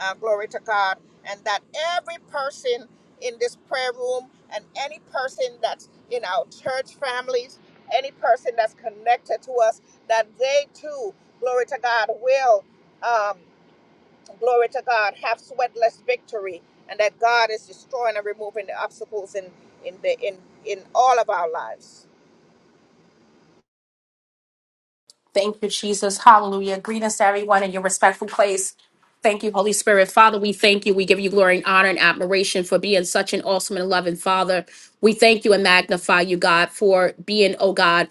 uh, glory to God, and that every person in this prayer room and any person that's in our church families, any person that's connected to us, that they too, glory to God, will, um, glory to God, have sweatless victory, and that God is destroying and removing the obstacles in in the in in all of our lives.
Thank you, Jesus. Hallelujah. Greetings to everyone in your respectful place. Thank you, Holy Spirit. Father, we thank you. We give you glory and honor and admiration for being such an awesome and loving Father. We thank you and magnify you, God, for being, oh God,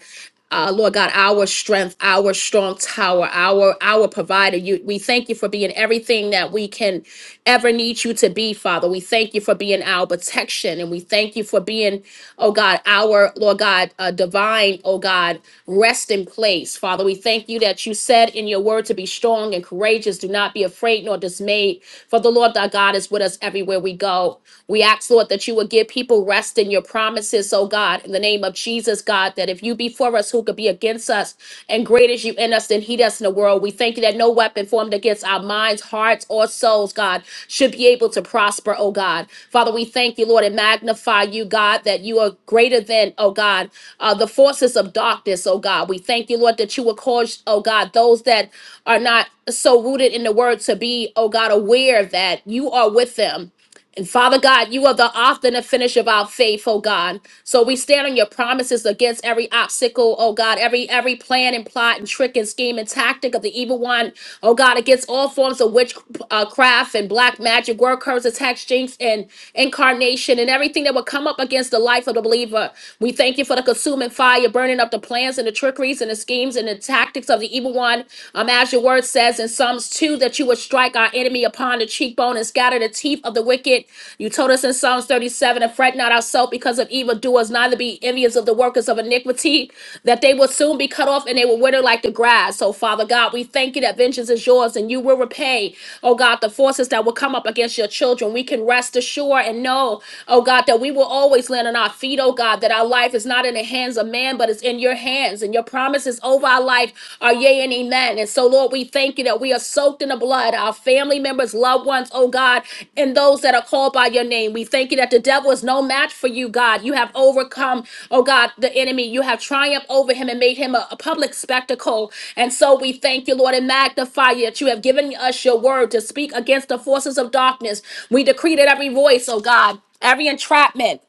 uh, Lord God, our strength, our strong tower, our our provider. You, we thank you for being everything that we can ever need you to be, Father. We thank you for being our protection, and we thank you for being being, oh God, our Lord God, uh, divine, oh God, rest in place. Father, we thank you that you said in your word to be strong and courageous. Do not be afraid nor dismayed, for the Lord thy God is with us everywhere we go. We ask, Lord, that you would give people rest in your promises, oh God, in the name of Jesus, God, that if you be for us, who could be against us? And great is you in us and heat us in the world. We thank you that no weapon formed against our minds, hearts, or souls, God, should be able to prosper, oh God. Father, we thank you, Lord, and magnify you, God, that you are greater than, oh God, uh, the forces of darkness, oh God. We thank you, Lord, that you will cause, oh God, those that are not so rooted in the word to be, oh God, aware that you are with them and Father God, you are the author and the finish of our faith, oh God. So we stand on your promises against every obstacle, oh God, every every plan and plot and trick and scheme and tactic of the evil one, oh God, against all forms of witchcraft uh, and black magic, word curse, attacks, jinx, and incarnation, and everything that will come up against the life of the believer. We thank you for the consuming fire, burning up the plans and the trickeries and the schemes and the tactics of the evil one. Um, as your word says in Psalms. Psalms 2 that you would strike our enemy upon the cheekbone and scatter the teeth of the wicked. You told us in Psalms 37 and fret not ourselves because of evildoers, neither be envious of the workers of iniquity, that they will soon be cut off and they will wither like the grass. So, Father God, we thank you that vengeance is yours and you will repay, oh God, the forces that will come up against your children. We can rest assured and know, oh God, that we will always land on our feet, oh God, that our life is not in the hands of man, but it's in your hands plans and your promises over our life are yea and amen. And so, Lord, we thank you that we are soaked in the blood, our family members, loved ones, oh God, and those that are called by your name. We thank you that the devil is no match for you, God. You have overcome, oh God, the enemy. You have triumphed over him and made him a, a public spectacle. And so we thank you, Lord, and magnify you that you have given us your word to speak against the forces of darkness. We decree that every voice, oh God, every entrapment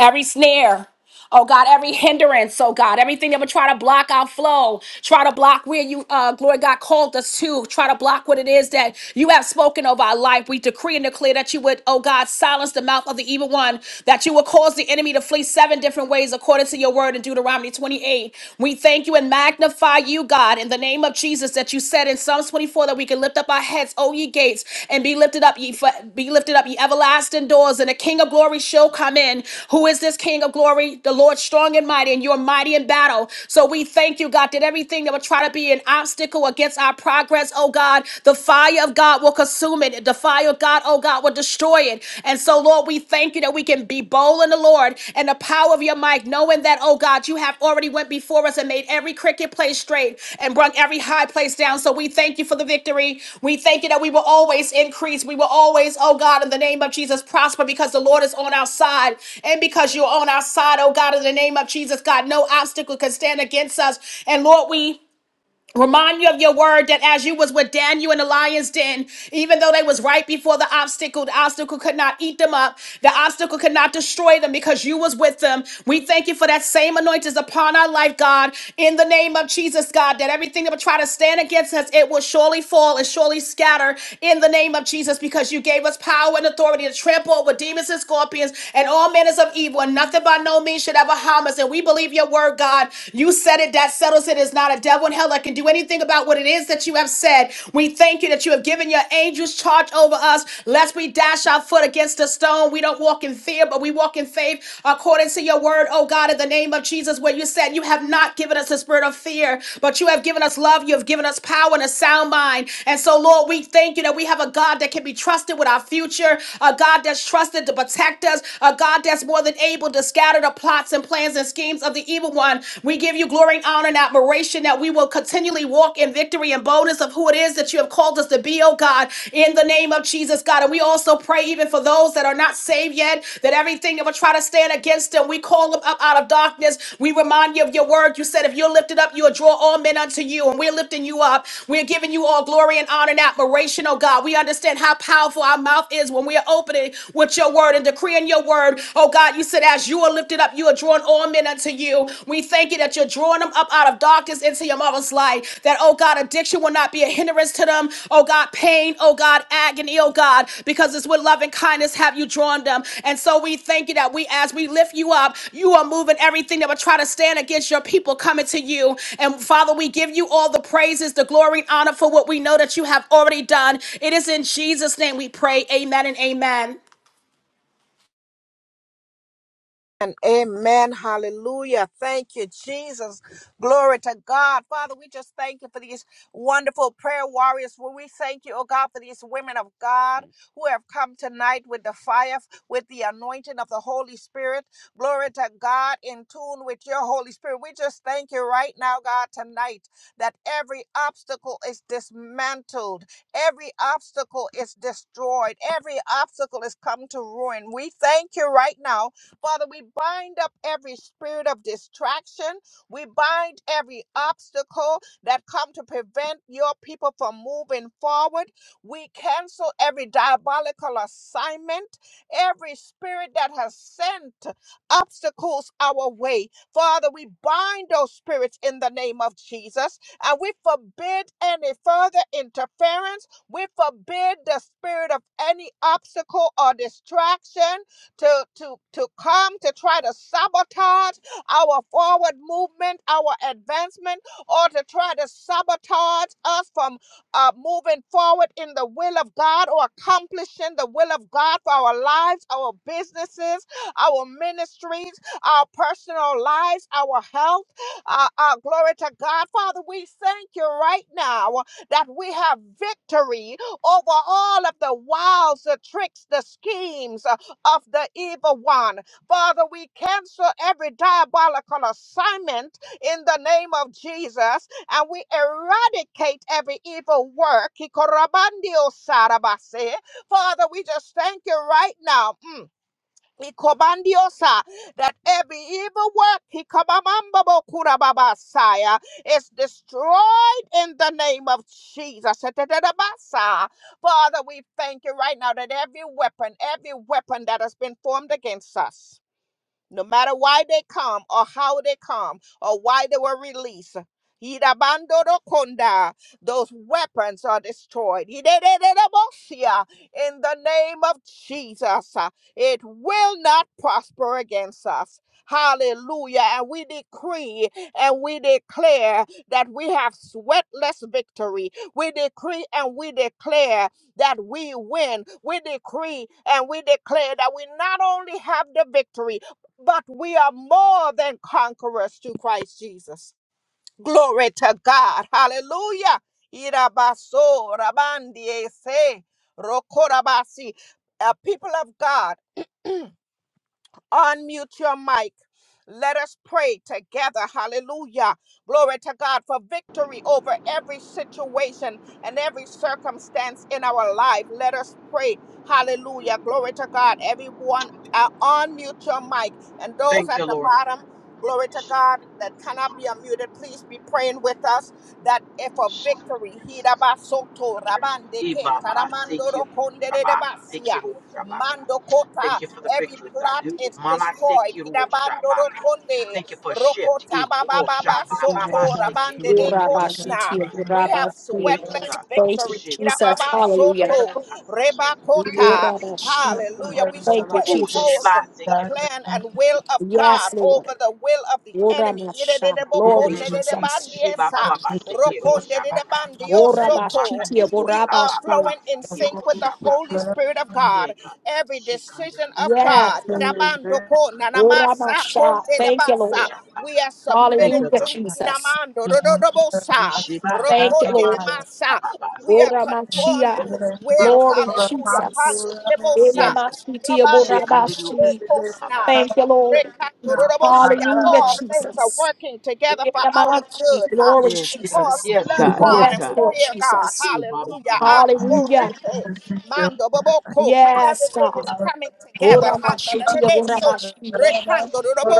every snare. Oh God, every hindrance, oh God, everything that would try to block our flow, try to block where you, uh, glory God, called us to, try to block what it is that you have spoken of our life. We decree and declare that you would, oh God, silence the mouth of the evil one, that you would cause the enemy to flee seven different ways according to your word in Deuteronomy 28. We thank you and magnify you, God, in the name of Jesus, that you said in Psalms 24 that we can lift up our heads, O ye gates, and be lifted up, ye be lifted up, ye everlasting doors, and the King of glory shall come in. Who is this King of glory? The Lord strong and mighty, and you're mighty in battle. So we thank you, God, that everything that would try to be an obstacle against our progress, oh God, the fire of God will consume it. The fire of God, oh God, will destroy it. And so, Lord, we thank you that we can can be bold in the Lord and the power of your might, knowing that, oh God, you have already went before us and made every cricket place straight and brung every high place down. So we thank you for the victory. We thank you that we will always increase. We will always, oh God, in the name of Jesus, prosper because the Lord is on our side. And because you're on our side, oh God, in the name of Jesus, God, no obstacle can stand against us. And Lord, we Remind you of your word that as you was with Daniel in the lion's den, even though they was right before the obstacle, the obstacle could not eat them up. The obstacle could not destroy them because you was with them. We thank you for that same anointing is upon our life, God. In the name of Jesus, God, that everything that would try to stand against us, it will surely fall and surely scatter in the name of Jesus because you gave us power and authority to trample over demons and scorpions and all manners of evil and nothing by no means should ever harm us. And we believe your word, God. You said said it, that settles it. It's not a devil in hell that can do anything about what it is that you have said. We thank you that you have given your angels charge over us, lest we dash our foot against a stone. We don't walk in fear, but we walk in faith according to your word, oh God, in the name of Jesus, where you said you have not given us the spirit of fear, but you have given us love, you have given us power and a sound mind. And so, Lord, we thank you that we have a God that can be trusted with our future, a God that's trusted to protect us, a God that's more than able to scatter the plots and plans plans and schemes of the evil one. We give you glory and honor and admiration that we will continually walk in victory and boldness of who it is that you have called us to be, oh God, in the name of Jesus, God. And we also pray even for those that are not saved yet, that everything that will try to stand against them, we call them up out of darkness. We remind you of your word. You said, if you're lifted up, you'll draw all men unto you. And we're lifting you up. We're giving you all glory and honor and admiration, oh God. We understand how powerful our mouth is when we are opening with your word and decreeing your word. oh oh God. You said, as you are lifted up, you are drawing all men unto you. We thank you that you're drawing them up out of darkness into your marvelous light. That, oh God, addiction will not be a hindrance to them. Oh God, pain, oh God, agony, oh God, because it's with love and kindness have you drawn them. And so we thank you that we, as we lift you up, you are moving everything that would try to stand against your people coming to you. And Father, we give you all the praises, the glory, and honor for what we know that you have already done. It is in Jesus' name we pray. Amen and amen.
And amen. Hallelujah. Thank you, Jesus. Glory to God. Father, we just thank you for these wonderful prayer warriors. Well, we thank you, oh God, for these women of God who have come tonight with the fire, with the anointing of the Holy Spirit. Glory to God, in tune with your Holy Spirit. We just thank you right now, God, tonight that every obstacle is dismantled, every obstacle is destroyed, every obstacle is come to ruin. We thank you right now Father, we bind up every spirit of distraction. We bind every obstacle that come to prevent your people from moving forward. We cancel every diabolical assignment, every spirit that has sent obstacles our way. Father, we bind those spirits in the name of Jesus and we forbid any further interference. We forbid the spirit of any obstacle or distraction to to to come to try to sabotage our forward movement, our advancement, or to try to sabotage us from uh, moving forward in the will of God or accomplishing the will of God for our lives, our businesses, our ministries, our personal lives, our health. Uh, uh, glory to God. Father, we thank you right now that we have victory over all of the wiles, the tricks, the schemes. uh, of the evil one. Father, we cancel every diabolical assignment in the name of Jesus and we eradicate every evil work. Father, we just thank you right now. Mm. Ikobandiosa, that every evil work Ikabamambabokurababasaya, is destroyed in the name of Jesus. Etetetabasa. Father, we thank you right now that every weapon, every weapon that has been formed against us no matter why they come or how they come or why they were released. Hidabandorokonda, Those weapons are destroyed. Hidedededebosia, In the name of Jesus, uh, it will not prosper against us. Hallelujah. And we decree and we declare that we have sweatless victory. We decree and we declare that we win. We decree and we declare that we not only have the victory, but we are more than conquerors through Christ Jesus. Glory to God. Hallelujah. Irabaso, rabandi, ese, rokorabasi. Uh, people of God. Unmute your mic. Let us pray together. Hallelujah. Glory to God for victory over every situation and every circumstance in our life. Let us pray. Hallelujah. Glory to God. Everyone, uh, unmute your mic. And those
Thank
at the
you, Lord.
bottom, glory to God, that cannot be unmuted, please be praying with us that if a victory, Hirabasoto, Rabandeke,
Ibaba, Thank
Taramandoro
you, Rabba. Thank
basia,
you, Lord, Rabba.
Mando
Thank
Kota,
you for the
every
victory, God.
plot
You-
is
Mama, thank
destroyed.
you, Lord,
Hirabandoro
Shabaka.
rokonde,
Thank you for shift. Eh,
Rokota Baba
Lord,
Baba
Shabba, Baba,
Soto,
thank
Rabande de
you.
Koshna.
Urabashiti
We have
Urabasi.
Thank you,
sweatless
God.
Thank
victory.
you,
Sheba
Jesus.
Irababa
Baseke.
Hallelujah.
soto,
Shaba Baseke.
rebakota.
Urabashita.
Hallelujah. We
Thank you,
Oh,
Jesus.
superimpose
Sheba
the
Baseke.
Yeah.
plan and
Okay.
will of
Yes,
God
Lord.
over the will of the enemy.
Uramasha.
In the
Glory,
Thank
name of Jesus.
Jesus.
Sheba
Irererebokonererebandiesa,
Baba Baseke. Oh, Shabaka. Oh,
rokondererebandiosoko.
Urabashiti
Makande. Oh,
We are
Saba Baba
Urabashi.
flowing in
Baseke.
sync
Oh,
with the Holy
Shabaka.
Spirit of
Yeah,
God.
God.
every every
Shekande.
decision
Oh,
of
Yes.
God. Idamando ko nanamasa
Urabasha.
konde
Saba.
de
Thank you,
basa.
Lord.
We
Shabaka.
are
Thank
submitted
you,
Hallelujah,
to
God.
Jesus.
Idamando
Ye
dododobosa,
Sheba
Thank you,
Baseke.
rokonde
Oh,
de
Lord.
Shaba
masa.
Baba
We are
Baseke.
conformed to
Uramachia.
his will.
Glory,
Hallelujah.
Jesus.
Hande de bosa.
Yes, God.
Uriamashiti
Rabande
Shekande. Oh,
de
Urabashi.
Saba
posna.
Thank you,
Baseke.
Lord.
Rekandorobosia.
Hallelujah,
All things are
Jesus.
working
In
together for
the name
our
of Jesus.
good ha,
Glory,
Yes, God.
because
Jesus.
we
Yes,
love
God.
God
Yes,
and
Yes,
we
God.
Lord
fear God.
Jesus.
Oh, Baba
Hallelujah.
Baba.
Hallelujah.
Andobosite. Mandoboboko.
Yes,
Everything is
God.
coming together.
Orabashitia,
Hanananeso.
orabashi.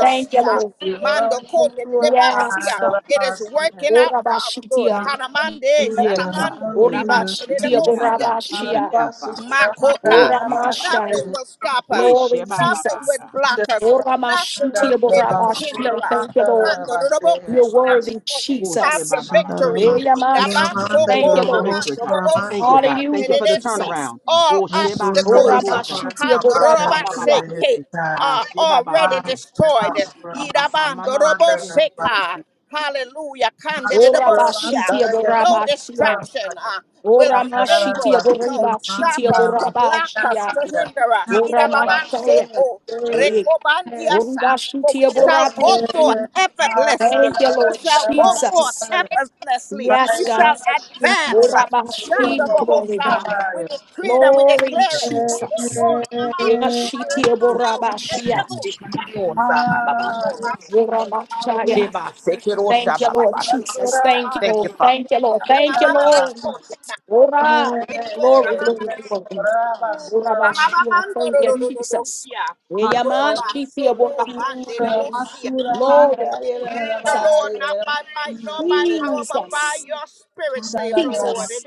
Thank you, Lord.
Mando konde de
Yes,
debasia.
God.
It is
you.
working out for our good.
Orabashitia.
Hanamande,
Hallelujah,
Yes,
Yes.
God.
sanamando,
Yes, God.
hallelujah.
rabande de
Oribashitia,
Even now,
debosia.
God. Even
orabashia.
now, Father.
Arabasura
Makota.
Oh, ba ba ba.
Nothing
mandarabase,
Oramashai.
will stop
Eh,
us.
Glory,
she ba ba ba
Nothing
Jesus.
will
ka.
block us. Nothing will
Oramashitia,
be able to
mandarabasura
orabashi.
hinder us.
Thank you, Lord.
Kandorobo
mandarabase.
You're
Kushna.
worthy,
For we
Oh,
have
she
Jesus.
the
ba ba ba ka
victory.
de Dios.
Eyamash.
Shandarabasura
Glory!
Thank
Thank
you
you,
Irabasoko
for the
Lord.
victory,
mamando
God.
mandarabasura
bobo
Thank
si
mase,
you, God. Thank you
Hallelujah,
for the
kandereresi.
Jesus.
turnaround.
All
Oh, she ba
Visura
Ora
seke
obstacles
ro
uh,
she ba.
basukura
bashitia
Ah,
kandoroba
ba ba ba
borabasia.
mandarabe.
seke,
seke. Ah,
are
she ba ba
already
seke.
destroyed.
Arabasura
Ah,
masura
mama
Irabandorobo
seke ro.
seka.
mandarabase,
Hallelujah.
Ora
Masura
bashitia
Kandedebosia
masaya,
no
basura
borabasia.
distraction
mase.
uh,
Ah, yes, Lord. Hallelujah. Thank
will
Ora
be
mashitia
able to stop
boribashitia
us, to block us,
borabasia.
to hinder us.
Ora
Idababa
masaya.
soko
Eh,
rekobandiasa. For we
boribashitia
shall go forth
borabashi. Thank
effortlessly.
you,
We
Lord
shall go forth
Jesus.
effortlessly.
Yes,
We
God.
shall advance. uh,
Ora bashi, glory
Shandabohosa.
God.
We decree it and we
Glory
declare it.
Jesus. Ora
Rekoramamande,
shitia
karanamando,
borabashia.
She ka
enedemosia,
de Dios, ah, ba ba ba ka.
koramasa,
Ora masaya.
She ba seke
you,
ro she
Lord.
Thank you,
ba ba
Lord
ba seke.
Jesus. Thank you.
Thank you,
Lord.
Father.
Thank you, Lord. Thank you, Lord. Ora. Glory,
indamamamamakosna,
glory, glory. Ora
Basura
bashia. Thank you, Jesus.
Ramamamandororororosia.
Yes,
Eyamashiti obora bashia.
Robasokobanderebosia.
Lord
Thank you,
Jesus.
Lord, not by might nor by power, but by
Jesus.
your spirit, says the Lord.
Jesus.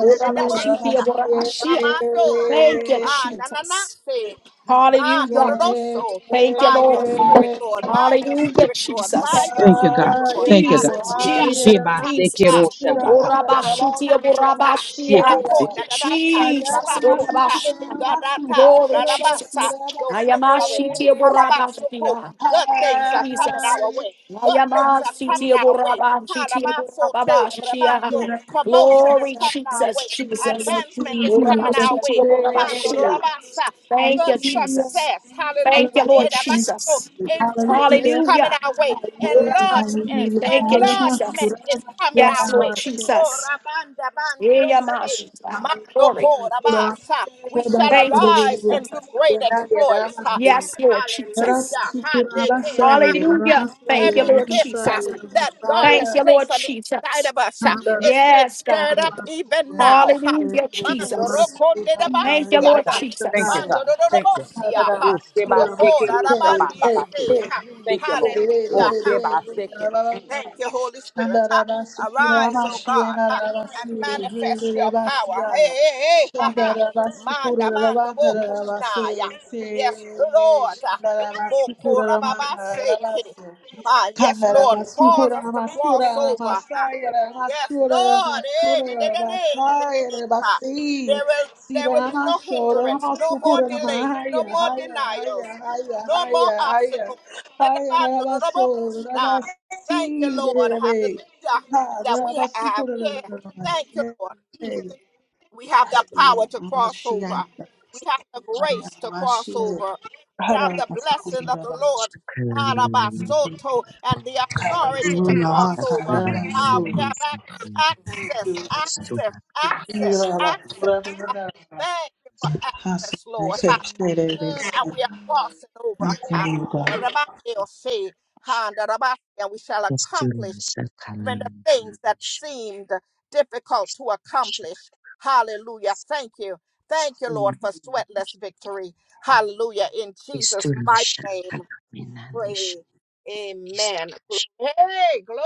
Ora bashiti obora bashia.
Babando.
Thank you,
Ah, na na na
Jesus.
say.
Hallelujah.
Bandoroso.
Thank you,
By your
Lord.
spirit, Lord. By your
Hallelujah,
spirit, Lord. By
Jesus.
your
Thank you,
spirit,
God.
Lord.
Thank you, God.
Jesus,
Hallelujah.
Jesus,
She ba
Ha,
seke
Jesus.
ha.
ro she ba ka.
Orabashitia,
Rakota,
She ba
borabashia.
seke.
rakota, dadata,
Jesus,
rabakota,
orabashia.
dadata,
Glory,
dadabasa.
Jesus.
Those things are
Ayamashitia,
removed. Hababasoko.
borabashia.
Good things are coming our
Jesus.
way. Good things are coming
Ayamashitia,
our way.
borabashitia,
Halabasoto,
borababashia.
rabando.
Hallelujah.
Promotion is
Glory,
coming our
Jesus,
way.
Hallelujah.
Jesus.
Advancement
Thank
is
you.
coming our way.
Orabashitia,
Hando
borabashia.
rabasa
Thank you,
good
Hallelujah.
Jesus.
success.
Thank you,
Hallelujah.
Lord
And about to
Jesus.
increase is
Hallelujah.
Hallelujah.
coming our way. Enlargement,
Uramasi. Thank you, Jesus.
enlargement is coming
Yes,
our
Lord
way. Oh,
Jesus.
Rabanda Bandiose.
Eyamashi. Glory.
Mandokorabasa. We shall
Thank you,
arise and
Jesus.
do great exploits.
Hallelujah.
Ha.
Yes, Lord Jesus.
Hallelujah.
Hallelujah. Ramasaya,
Handekerabasa
Hallelujah.
Ramasaya,
Thank you,
every
Lord
gift
Ramasaya,
uh,
Jesus.
that God
Thank
has
you,
Ramasaya,
Lord
placed on the inside
Jesus.
of us uh, is being
Yes, God.
stirred up even now. ha.
Hallelujah,
Mando
Jesus.
rokonde da
Thank you,
Thank
basia,
you,
Lord
God.
ha.
Thank
Jesus.
you, God.
mando do do do
Thank you.
bosia, ha.
Oh, sheba
roko
seke,
da
oh,
da
shaba, ba,
bandi
ba, seke.
este, ha.
Thank you, Lord. Oh,
Hallelujah. uh,
sheba seke.
Thank you, Holy Spirit. Ha. Arise, O God, ha, and manifest your power. Hey, hey, hey, ha, ha. Manda, manda, bo, kushnaya. Yes, Lord. Ah, moko, rababa, seke.
Shandara
Ma, Yes,
Kangara,
Lord. Cause
masukura,
us to cross
masura,
over. Ha.
masaya
Yes,
masura,
Lord.
masura,
Eh, na, na, na, na, na, na, na, na,
basaya
ha.
basi
There will, there will
sira
be no
masura,
hindrance, no more
masaya,
delays, no
masaya, masaya,
more
haya,
denials,
haya,
no more
haya, haya, haya,
obstacles.
haya, basura
Thank you,
basi
Lord.
derebe
Hallelujah.
ha
That we have,
basukura
yeah. Thank you,
masaya
Lord.
basi
We have the
masaya
power to cross over. We have the grace to cross
masaya
over. We
hara
have the blessing of
basukura
the
ba
Lord, Harabasoto, and the authority to
Hallelujah.
cross over. Ah, we
hallelujah
have ac- access,
Hallelujah,
access, access,
hallelujah,
access. Ah, Thank you for access, Lord. Ha. Mm, And we are crossing over. Ha. And the Bible say, "And the Bible, and we shall accomplish even the things that seemed difficult to accomplish. Hallelujah. Thank you. Thank you, Lord, for sweatless victory. Hallelujah. In Jesus' mighty name, pray. Amen. Hey, glory.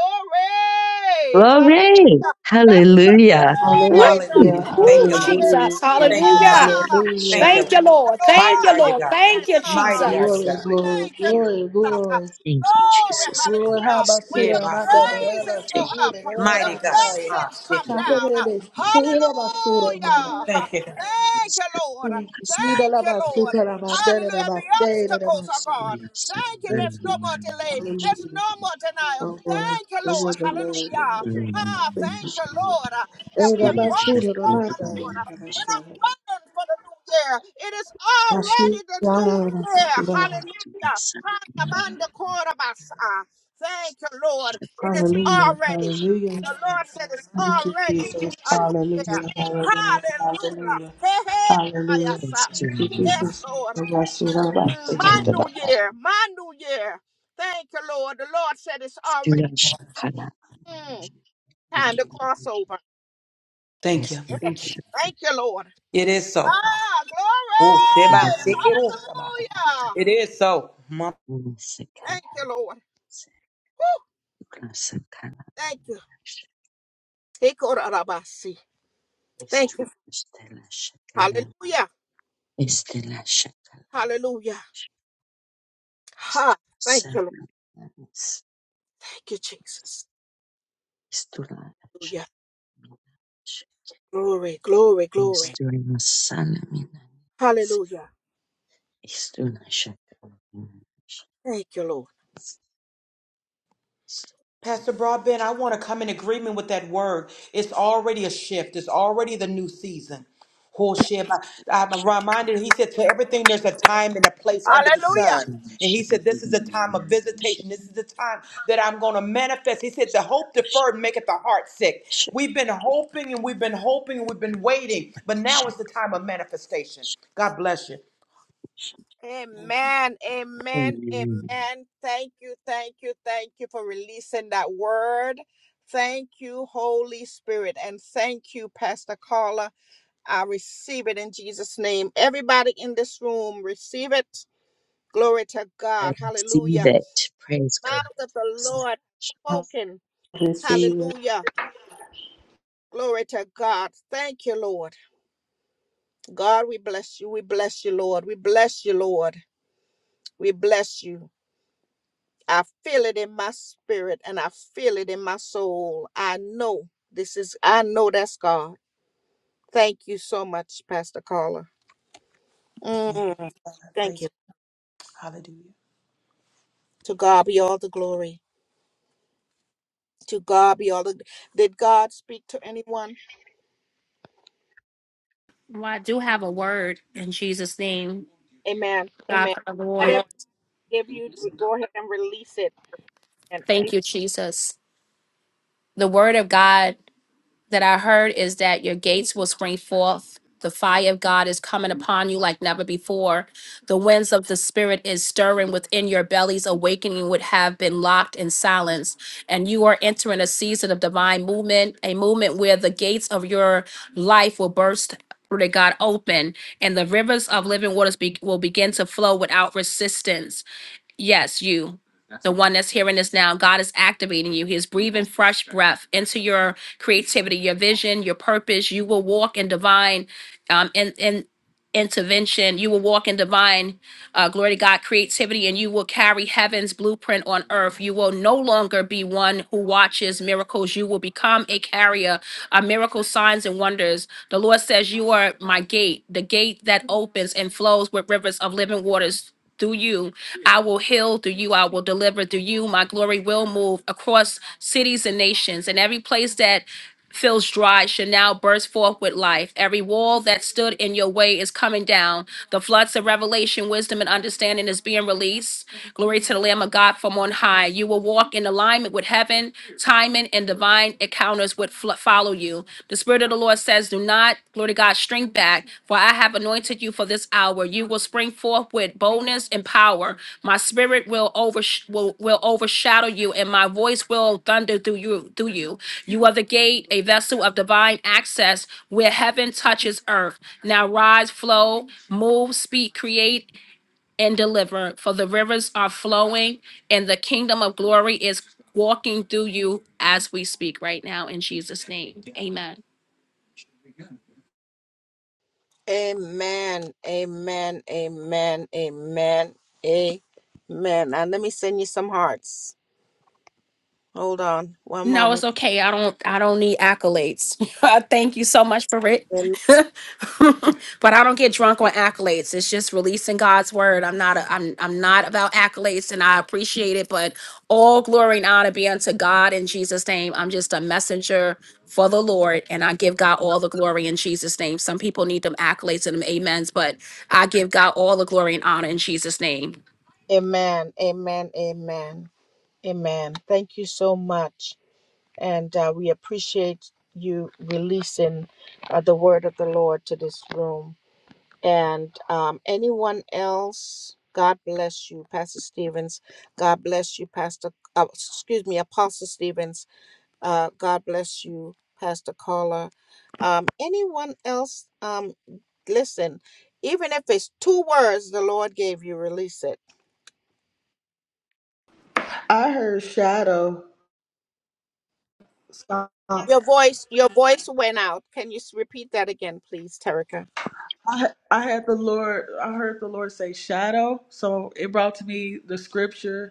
Hallelujah. Let's put a
Hallelujah! Woo!
praise.
Hallelujah.
Oh,
Thank you, Lord.
Jesus.
Thank you,
Hallelujah.
Father.
Hallelujah.
Thank
hallelujah.
Thank
you,
Thank
Lord.
you,
Thank
Lord. Thank
Mighty
you,
are you,
you,
Lord.
God.
Thank you,
Lord.
you.
Mighty are you,
Jesus.
Glory,
God.
glory,
Thank you,
glory,
Jesus.
glory.
Thank you,
Glory,
Jesus
Glory, how
hallelujah.
Christ.
about
When
Yeah,
the
Sura
my
Mada
sister, Lord.
Deva
praises go
Thank
Sira
up, the
Mighty
Deva
God.
you,
Saya?
Ah,
blessings come
sister,
Chanda
Lord.
down.
Deva Sira Basura Mada.
Hallelujah.
Thank you, God.
Thank
Jesus.
you, Lord.
Student
Sira
Thank
La
you, Lord.
Basura Mada
Hallelujah.
Deva
The
Saya Deva
obstacles are
Sira.
gone. Thank you.
Thank
There's no
you.
more
Lord.
delay. There's
Hallelujah.
no more denial.
Oh Lord,
Thank you,
No
Lord.
word, no Oh delay, Oh
Hallelujah.
word denied.
Ah,
Thank
thank
you.
you, Lord, that
Eh,
we are
Rabbi Suda,
crossing
Rabbi
over, Lord. We're not
Daya.
waiting for the new year. It is
Rashi,
already the new
Yana, Rabbi
year.
Suda.
Handabandakorabasa. Thank you, Lord. It is
Hallelujah,
already,
hallelujah.
the Lord said it's
Thank you,
already
Jesus.
a new
Hallelujah,
year.
hallelujah,
Hallelujah.
hallelujah,
Hey, hey,
hallelujah.
ayasa.
Thank you,
Yes,
Jesus.
Lord.
Rabbi, Suda,
Mm,
Rabbi,
My new
Suda.
year, my new year. Thank you, Lord. The Lord said it's already mm, time to cross over.
Thank you.
Eh,
Thank you.
Thank you, Lord.
It is so.
Ah,
Oh, sheba,
glory.
sister, oh sheba.
Hallelujah.
It is so.
Thank you, Lord. Woo, Thank you. Thank you. Hallelujah.
Estela Shakalash,
Hallelujah. Ha. Thank you, Lord.
Estulanas,
Thank you, Jesus.
Estulash,
Hallelujah.
Minash,
Glory, glory, glory.
Estulamasana Minanis,
Hallelujah.
Estula Shakalash,
Thank you, Lord.
Pastor Broadbent, I want to come in agreement with that word. It's already a shift. It's already the new season. Oh, shit. I- I'm reminded, he said, to everything, there's a time and a place under the
Hallelujah.
sun. And he said, this is a time of visitation. This is the time that I'm going to manifest. He said, the hope deferred maketh the heart sick. We've been hoping and we've been hoping and we've been waiting. But now is the time of manifestation. God bless you.
Amen. Amen.
Amen.
Amen. Thank you. Thank you. Thank you for releasing that word. Thank you, Holy Spirit. And thank you, Pastor Carla. I receive it in Jesus' name. Everybody in this room, receive it. Glory to
I
God.
receive
Hallelujah.
it. Praise
Mouth of the Lord
God.
I
spoken.
receive it.
Hallelujah. Glory to God. Thank you, Lord. God, we bless you. We bless you, Lord. We bless you, Lord. We bless you. I feel it in my spirit and I feel it in my soul. I know this is, I know that's God. Thank you so much, Pastor Carla. Mm, thank you. To God be all the glory. To God be all the. Did God speak to anyone?
Well, I do have a word in Jesus' name,
Amen.
God
Amen.
for the Lord.
Whatever No. I give you, go ahead and release it. And
Thank you, Jesus. The word of God that I heard is that your gates will spring forth. The fire of God is coming upon you like never before. The winds of the Spirit is stirring within your bellies. Awakening what have been locked in silence. And you are entering a season of divine movement, a movement where the gates of your life will burst. Where God open and the rivers of living waters be- will begin to flow without resistance Yes, you. That's The one that's hearing this now, God is activating you. He is breathing fresh breath into your creativity, your vision, your purpose. You will walk in divine um in, in intervention. You will walk in divine uh, glory to God, creativity, and you will carry heaven's blueprint on earth. You will no longer be one who watches miracles. You will become a carrier of miracle signs and wonders. The Lord says, You are my gate, the gate that opens and flows with rivers of living waters. Through you, I will heal through you, I will deliver through you. My glory will move across cities and nations and every place that feels dry shall now burst forth with life. Every wall that stood in your way is coming down. The floods of revelation, wisdom, and understanding is being released. Glory to the Lamb of God from on high. You will walk in alignment with heaven, timing, and divine encounters would fl- follow you. The Spirit of the Lord says, Do not, glory to God, string back, for I have anointed you for this hour. You will spring forth with boldness and power. My spirit will over will, will overshadow you, and my voice will thunder through you through you. You are the gate, a vessel of divine access where heaven touches earth. Now rise, flow, move, speak, create, and deliver. For the rivers are flowing, and the kingdom of glory is walking through you as we speak right now in Jesus' name. Amen.
Amen. Amen. Amen. Amen. Amen. And let me send you some hearts. Hold on one
No, it's
moment.
okay. I don't I don't need accolades. I Thank you so much for it.
Amen.
but I don't get drunk on accolades. It's just releasing God's word. I'm not a, I'm I'm not about accolades and I appreciate it, but all glory and honor be unto God in Jesus name. I'm just a messenger for the Lord and I give God all the glory in Jesus name. Some people need them accolades and them amens, but I give God all the glory and honor in Jesus name.
Amen. Amen. Amen. Amen. Thank you so much. And uh, we appreciate you releasing uh, the word of the Lord to this room. And um, anyone else, God bless you, Pastor Stevens. God bless you, Pastor, uh, excuse me, Apostle Stevens. Uh, God bless you, Pastor Carla. Um, anyone else? Um, listen, even if it's two words the Lord gave you, release it.
I heard shadow. So
Your voice, your voice went out. Can you s- repeat that again, please, Terica?
I, I had the Lord. I heard the Lord say shadow. So it brought to me the scripture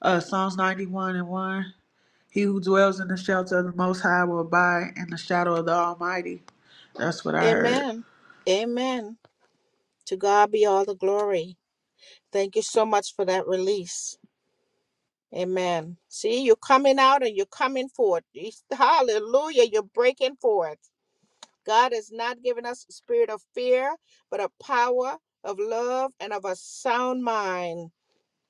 Uh, Psalms 91 and 1. He who dwells in the shelter of the Most High will abide in the shadow of the Almighty. That's what I heard.
Amen. Amen. To God be all the glory. Thank you so much for that release. Amen. See, you're coming out and you're coming forth. You- Hallelujah. You're breaking forth. God has not given us a spirit of fear, but a power of love and of a sound mind.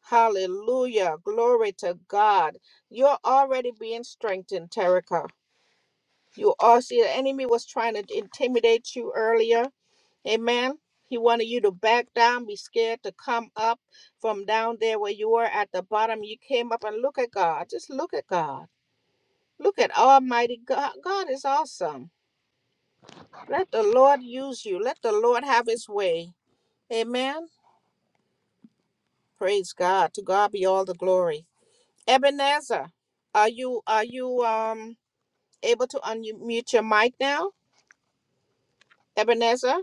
Hallelujah. Glory to God. You're already being strengthened, Terica. You all see the enemy was trying to intimidate you earlier. Amen. He wanted you to back down, be scared to come up from down there where you were at the bottom. You came up and look at God. Just look at God. Look at Almighty God. God is awesome. Let the Lord use you. Let the Lord have his way. Amen. Praise God. To God be all the glory. Ebenezer, are you are you um able to unmute your mic now? Ebenezer,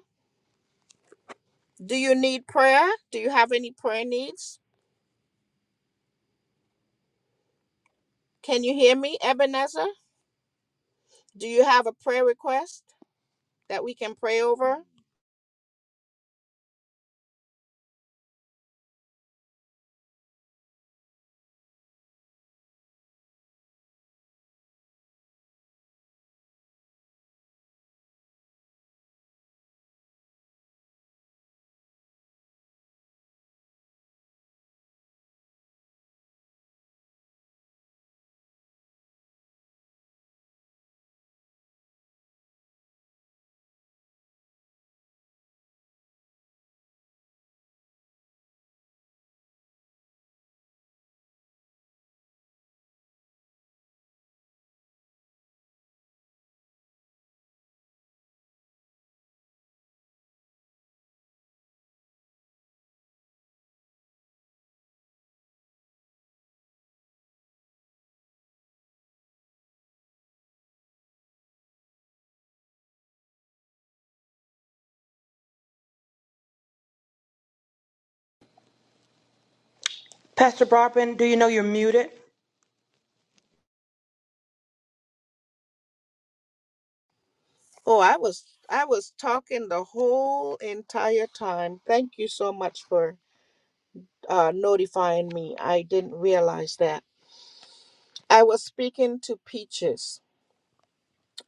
do you need prayer? Do you have any prayer needs? Can you hear me, Ebenezer? Do you have a prayer request that we can pray over?
Pastor Broadbent, do you know you're muted?
Oh, I was I was talking the whole entire time. Thank you so much for uh, notifying me. I didn't realize that. I was speaking to Peaches.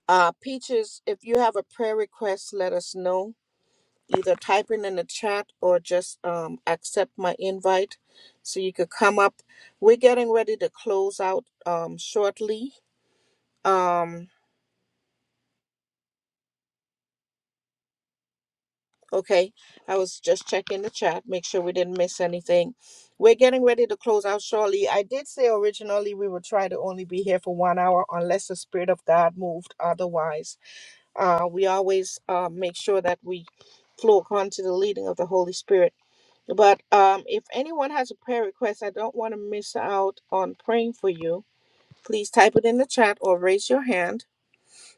Uh, Peaches, if you have a prayer request, let us know. Either type it in the chat or just um, accept my invite so you could come up. We're getting ready to close out um, shortly. Um, okay, I was just checking the chat, make sure we didn't miss anything. We're getting ready to close out shortly. I did say originally we would try to only be here for one hour unless the Spirit of God moved otherwise Uh, we always uh, make sure that we flow according to the leading of the Holy Spirit. But um, if anyone has a prayer request, I don't want to miss out on praying for you. Please type it in the chat or raise your hand.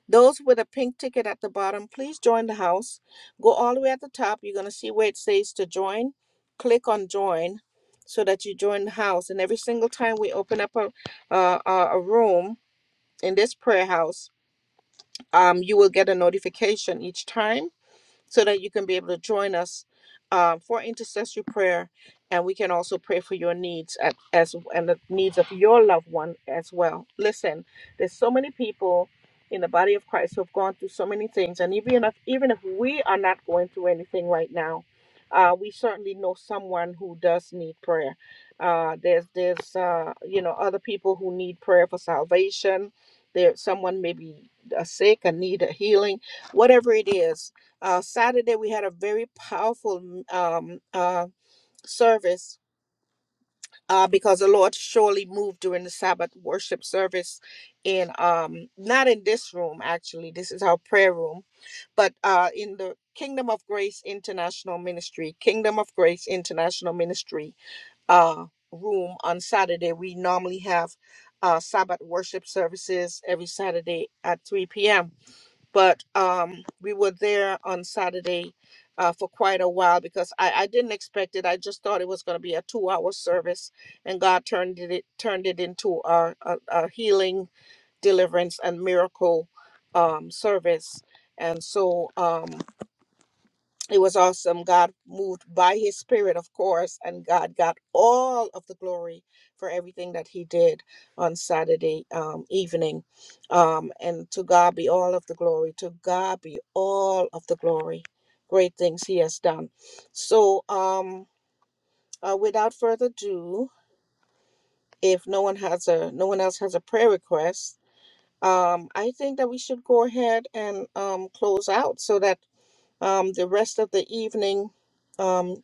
Those with a pink ticket at the bottom, please join the house. Go all the way at the top. You're going to see where it says to join. Click on join so that you join the house. And every single time we open up a, uh, a a room in this prayer house, um, you will get a notification each time so that you can be able to join us um, for intercessory prayer, and we can also pray for your needs at, as and the needs of your loved one as well. Listen, there's so many people in the body of Christ who've gone through so many things, and even if even if we are not going through anything right now, uh, we certainly know someone who does need prayer. Uh, there's there's uh, you know other people who need prayer for salvation. There, someone may be uh, sick and need a healing whatever it is uh, Saturday, we had a very powerful mm, um, uh, service uh, because the Lord surely moved during the Sabbath worship service. In um, not in this room actually, this is our prayer room, but uh, in the Kingdom of Grace International Ministry, Kingdom of Grace International Ministry uh, room on Saturday. We normally have uh, Sabbath worship services every Saturday at 3 p.m but um, we were there on Saturday uh, for quite a while because I, I didn't expect it. I just thought it was going to be a two-hour service, and God turned it turned it into a, a, a healing, deliverance, and miracle um, service. And so, um, it was awesome. God moved by his spirit, of course, and God got all of the glory for everything that he did on Saturday um, evening. Um, and to God be all of the glory. To God be all of the glory. Great things he has done. So, um, uh, without further ado, if no one has a no one else has a prayer request, um, I think that we should go ahead and um, close out so that um, the rest of the evening. Um,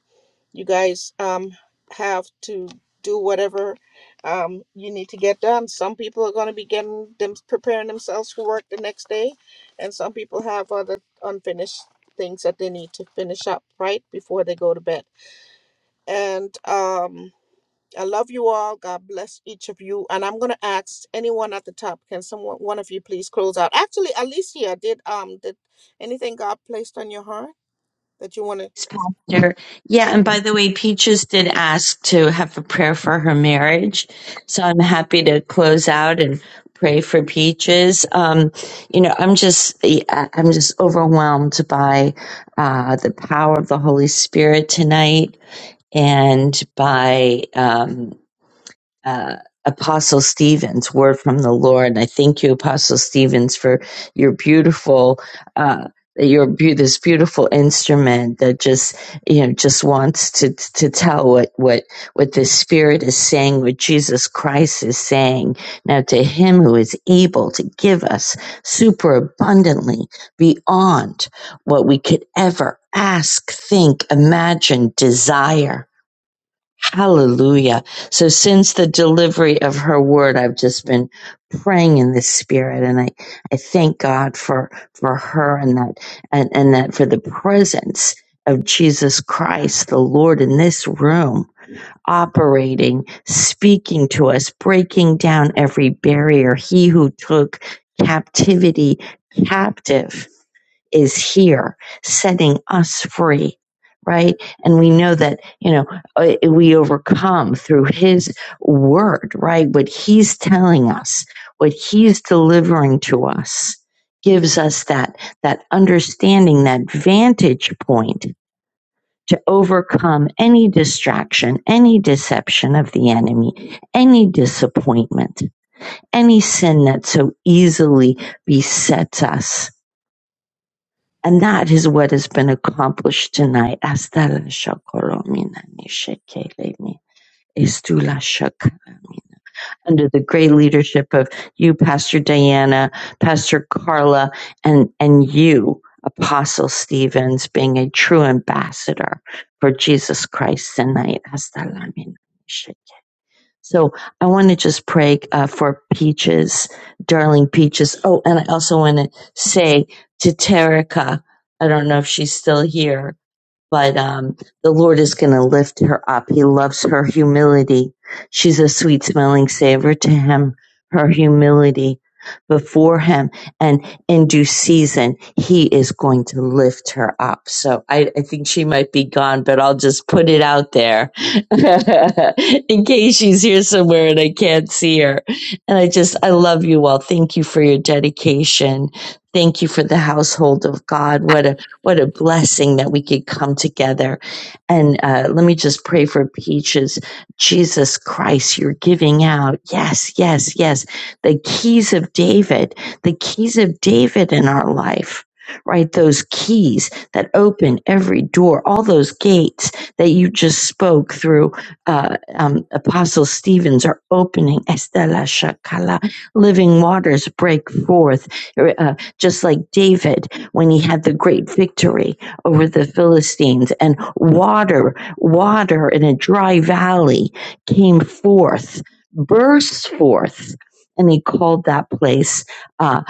you guys um, have to do whatever um, you need to get done. Some people are going to be getting them preparing themselves for work the next day, and some people have other unfinished things that they need to finish up right before they go to bed. And um, I love you all. God bless each of you. And I'm going to ask anyone at the top, can someone, one of you, please close out? Actually, Alicia, did um, did anything God placed on your heart that you want to?
Pastor. Yeah, and by the way, Peaches did ask to have a prayer for her marriage. So I'm happy to close out and pray for Peaches. Um, you know, I'm just I- I'm just overwhelmed by uh, the power of the Holy Spirit tonight and by um, uh, Apostle Stevens, Word from the Lord. I thank you, Apostle Stevens, for your beautiful, uh, your beau- this beautiful instrument that just you know just wants to to tell what what what the Spirit is saying, what Jesus Christ is saying. Now to Him who is able to give us super abundantly beyond what we could ever ask, think, imagine, desire Hallelujah. So since the delivery of her word, I've just been praying in the spirit and I, I thank God for, for her and that, and, and that for the presence of Jesus Christ, the Lord in this room, operating, speaking to us, breaking down every barrier. He who took captivity captive is here setting us free right and we know that you know uh, we overcome through his word right what he's telling us what he's delivering to us gives us that that understanding that vantage point to overcome any distraction any deception of the enemy any disappointment any sin that so easily besets us and that is what has been accomplished tonight. Hasta la shakolomina ni shekelemi, estu Under the great leadership of you, Pastor Diana, Pastor Carla, and, and you, Apostle Stevens, being a true ambassador for Jesus Christ tonight. Hasta la mina. So I want to just pray uh, for Peaches, darling Peaches. Oh, and I also want to say to Terica, I don't know if she's still here but um, the Lord is going to lift her up. He loves her humility. She's a sweet smelling savor to Him, her humility before Him. And in due season, He is going to lift her up. So I, I think she might be gone, but I'll just put it out there in case she's here somewhere and I can't see her. And I just, I love you all. Thank you for your dedication. Thank you for the household of God. What a what a blessing that we could come together. And uh, let me just pray for Peaches. Jesus Christ, you're giving out. Yes, yes, yes. The keys of David, the keys of David in our life. Right, those keys that open every door, all those gates that you just spoke through uh, um, Apostle Stevens are opening. Estela Shakala, living waters break forth, uh, just like David when he had the great victory over the Philistines and water, water in a dry valley came forth, burst forth. And he called that place uh,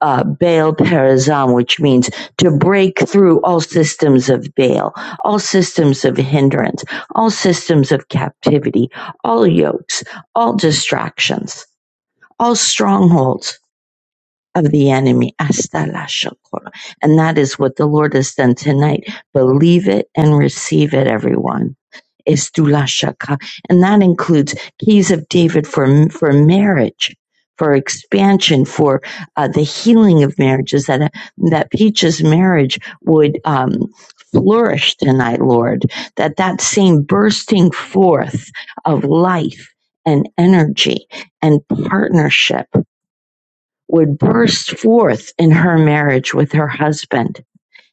uh, Baal Perazim, which means to break through all systems of Baal, all systems of hindrance, all systems of captivity, all yokes, all distractions, all strongholds of the enemy. Hasta la shakora. And that is what the Lord has done tonight. Believe it and receive it, everyone. Is la shaka. And that includes keys of David for, for marriage, for expansion, for uh, the healing of marriages, that, that Peach's marriage would um, flourish tonight, Lord. That that same bursting forth of life and energy and partnership would burst forth in her marriage with her husband.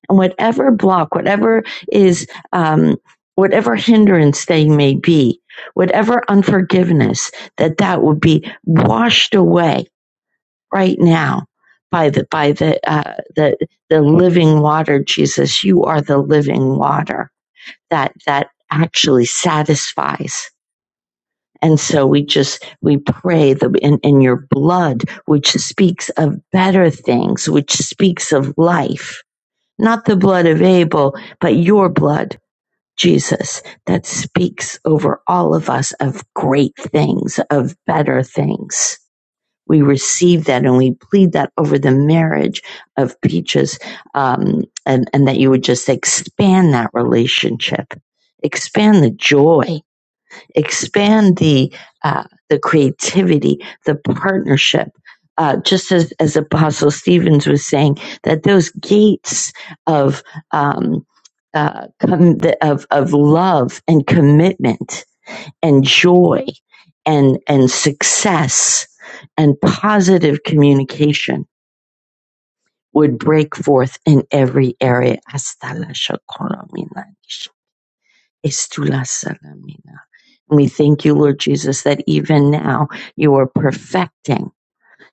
And whatever block, whatever is, um, whatever hindrance they may be, whatever unforgiveness, that that would be washed away right now by the, by the, uh, the, the living water, Jesus. You are the living water that, that actually satisfies. And so we just, we pray that in, in your blood, which speaks of better things, which speaks of life, not the blood of Abel, but your blood, Jesus, that speaks over all of us of great things, of better things. We receive that and we plead that over the marriage of Peaches, um, and, and that you would just expand that relationship, expand the joy expand the uh, the creativity, the partnership. Uh, just as, as Apostle Stevens was saying, that those gates of um, uh, com- of of love and commitment and joy and and success and positive communication would break forth in every area. Hasta la shakora mina estula salamina. And We thank you, Lord Jesus, that even now you are perfecting.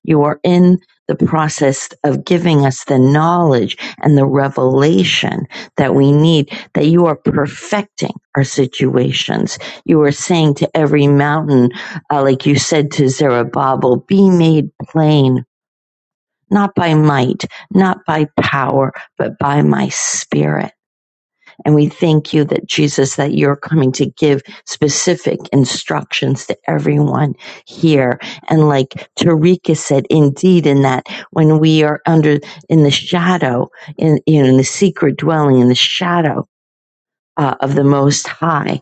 You are in the process of giving us the knowledge and the revelation that we need, that you are perfecting our situations. You are saying to every mountain, uh, like you said to Zerubbabel, be made plain, not by might, not by power, but by my spirit. And we thank you that Jesus, that you're coming to give specific instructions to everyone here. And like Tarika said, indeed, in that when we are under in the shadow, in you know, in the secret dwelling, in the shadow uh, of the Most High,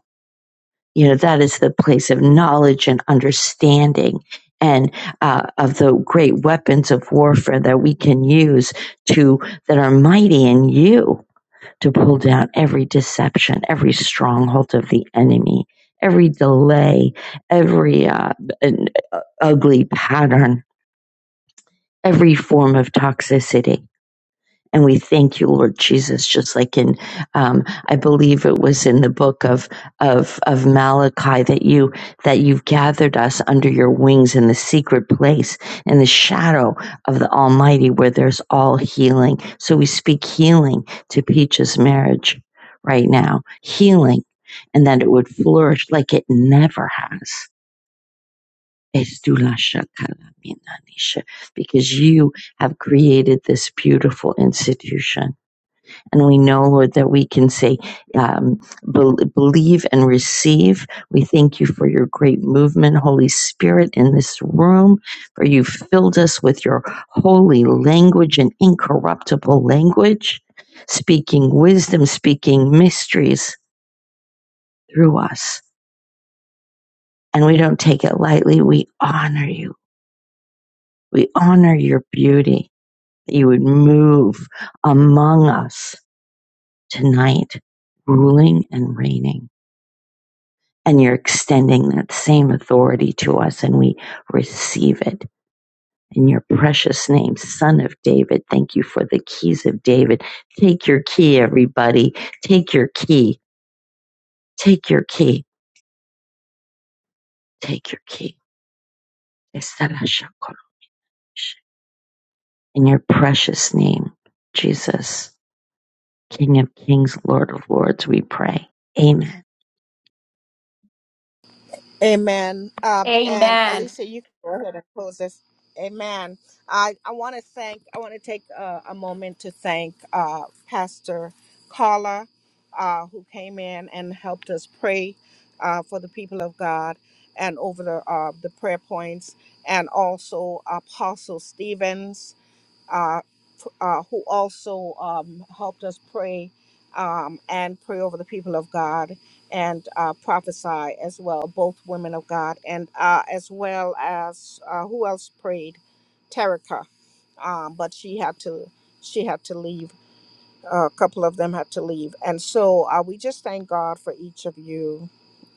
you know, that is the place of knowledge and understanding. And uh, of the great weapons of warfare that we can use to that are mighty in you, to pull down every deception, every stronghold of the enemy, every delay, every uh, an ugly pattern, every form of toxicity. And we thank you, Lord Jesus, just like in, um, I believe it was in the book of, of, of Malachi that you, that you've gathered us under your wings in the secret place, in the shadow of the Almighty where there's all healing. So we speak healing to Peach's marriage right now, healing, and that it would flourish like it never has. Because you have created this beautiful institution and we know, Lord, that we can say, um, bel believe and receive. We thank you for your great movement, Holy Spirit, in this room, for you filled us with your holy language and incorruptible language, speaking wisdom, speaking mysteries through us. And we don't take it lightly. We honor you. We honor your beauty that you would move among us tonight, ruling and reigning. and you're extending that same authority to us, and we receive it. In your precious name, Son of David, thank you for the keys of David. Take your key, everybody. Take your key. Take your key. Take your key. In your precious name, Jesus, King of Kings, Lord of Lords, we pray. Amen.
Amen. Um, and
And
Alicia, you can go ahead and close this. Amen. I, I want to thank, I want to take a, a moment to thank uh, Pastor Carla, uh, who came in and helped us pray uh, for the people of God and over the, uh, the prayer points, and also Apostle Stevens, uh, f- uh, who also um, helped us pray um, and pray over the people of God. and uh, prophesy as well, both women of God, and uh, as well as uh, who else prayed, Terica, um, but she had to she had to leave a couple of them had to leave. And so uh, we just thank God for each of you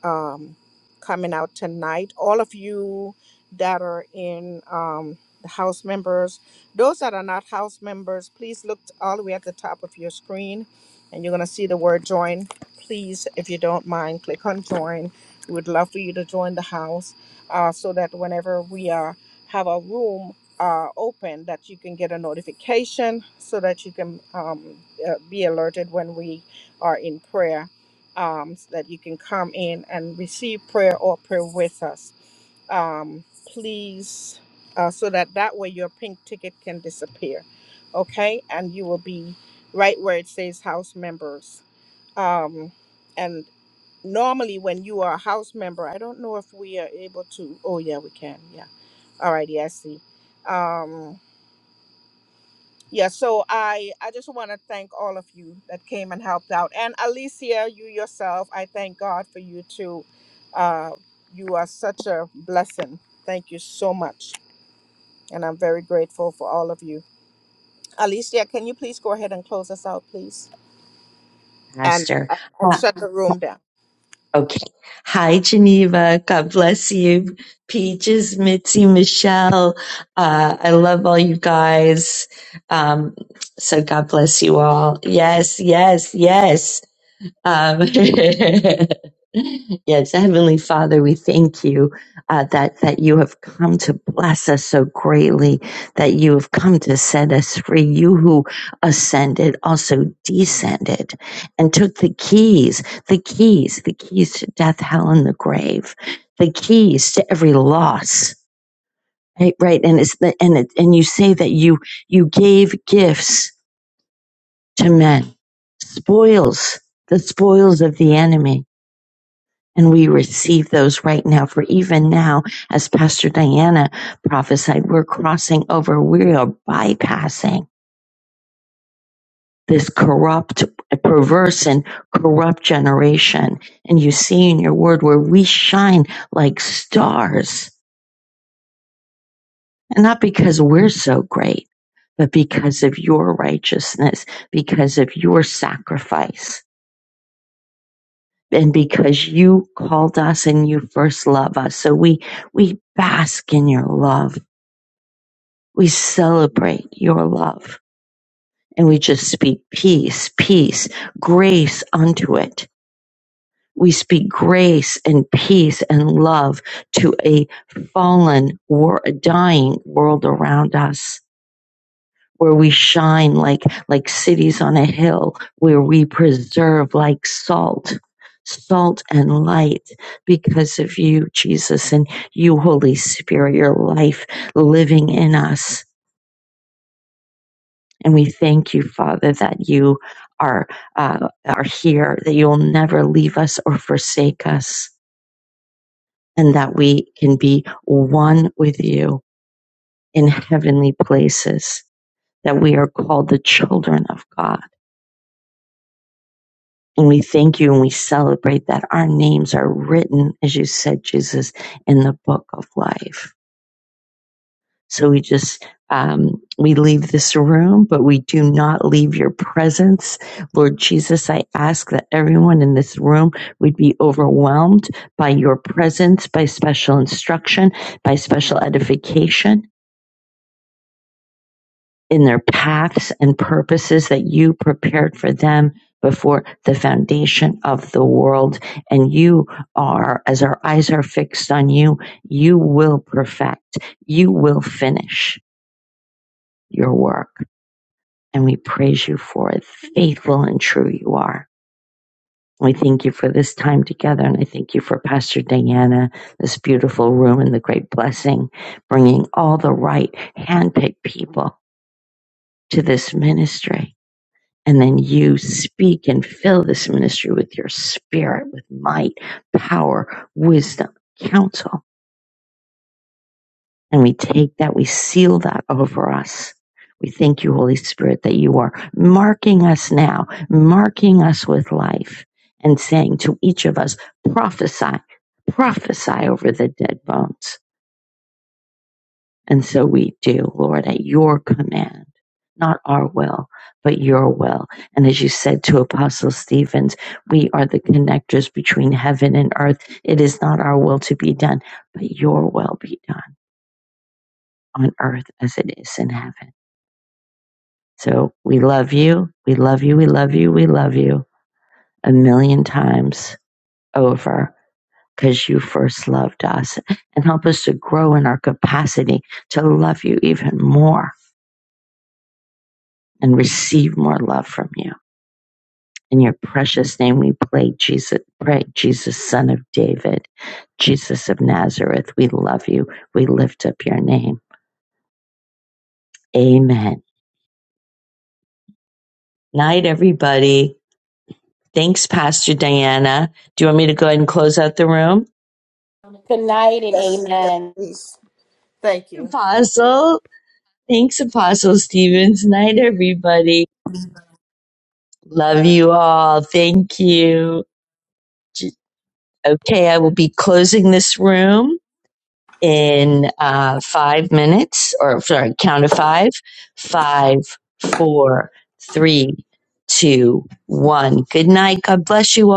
um, coming out tonight. All of you that are in um, the house members, those that are not house members, please look t- all the way at the top of your screen and you're going to see the word join. Please, if you don't mind, click on join. We would love for you to join the house uh, so that whenever we are have a room are open that you can get a notification so that you can um, uh, be alerted when we are in prayer um, so that you can come in and receive prayer or pray with us um, please uh, so that that way your pink ticket can disappear okay and you will be right where it says house members um, and normally when you are a house member, I don't know if we are able to. Oh yeah, we can. Yeah. All righty, I see. Um, yeah. So I I just want to thank all of you that came and helped out, and Alicia, you yourself. I thank God for you too. Uh, you are such a blessing. Thank you so much, and I'm very grateful for all of you. Alicia, can you please go ahead and close us out, please, and
Pastor, uh,
and shut the room down?
Okay. Hi, Geneva. God bless you. Peaches, Mitzi, Michelle. Uh, I love all you guys. Um, so God bless you all. Yes, yes, yes. Um, yes, Heavenly Father, we thank you uh, that that you have come to bless us so greatly, that you have come to set us free. You who ascended also descended and took the keys, the keys, the keys to death, hell, and the grave, the keys to every loss. Right, right, and it's the, and it, and you say that you you gave gifts to men, spoils, the spoils of the enemy and we receive those right now. For even now, as Pastor Diana prophesied, we're crossing over. We are bypassing this corrupt, perverse and corrupt generation. And you see in your word where we shine like stars and not because we're so great, but because of your righteousness, because of your sacrifice and because you called us and you first love us. So we, we bask in your love We celebrate your love and we just speak peace, peace, grace unto it. We speak grace and peace and love to a fallen, war, a dying world around us where we shine like, like cities on a hill, where we preserve like salt, salt and light because of you, Jesus, and you, Holy Spirit, your life living in us And we thank you, Father, that you are, uh, are here, that you will never leave us or forsake us, and that we can be one with you in heavenly places, that we are called the children of God. And we thank you and we celebrate that our names are written, as you said, Jesus, in the book of life. So we just, um, we leave this room, but we do not leave your presence. Lord Jesus, I ask that everyone in this room would be overwhelmed by your presence, by special instruction, by special edification in their paths and purposes that you prepared for them before the foundation of the world. And you are, as our eyes are fixed on you, you will perfect, you will finish your work. and we praise you for it. Faithful and true you are. We thank you for this time together, and I thank you for Pastor Diana, this beautiful room, and the great blessing, bringing all the right handpicked people to this ministry. And then you speak and fill this ministry with your spirit, with might, power, wisdom, counsel And we take that, we seal that over us. We thank you, Holy Spirit, that you are marking us now, marking us with life, and saying to each of us, prophesy, prophesy over the dead bones. And so we do, Lord, at your command, not our will, but your will. And as you said to Apostle Stevens, we are the connectors between heaven and earth. It is not our will to be done, but your will be done on earth as it is in heaven. So we love you. We love you. We love you. We love you a million times over because you first loved us and help us to grow in our capacity to love you even more and receive more love from you. In your precious name, we pray, Jesus, pray, Jesus, son of David, Jesus of Nazareth. We love you. We lift up your name. Amen. Night, everybody. Thanks, Pastor Diana. Do you want me to go ahead and close out the room?
good night and
Yes, yes,
amen.
please. Thank you.
Apostle. Thanks, Apostle Stevens. Night, everybody. Love you all. Thank you. J- Okay, I will be closing this room in uh, five minutes, or sorry, count of five. Five, four, three, two, one. Good night. God bless you all.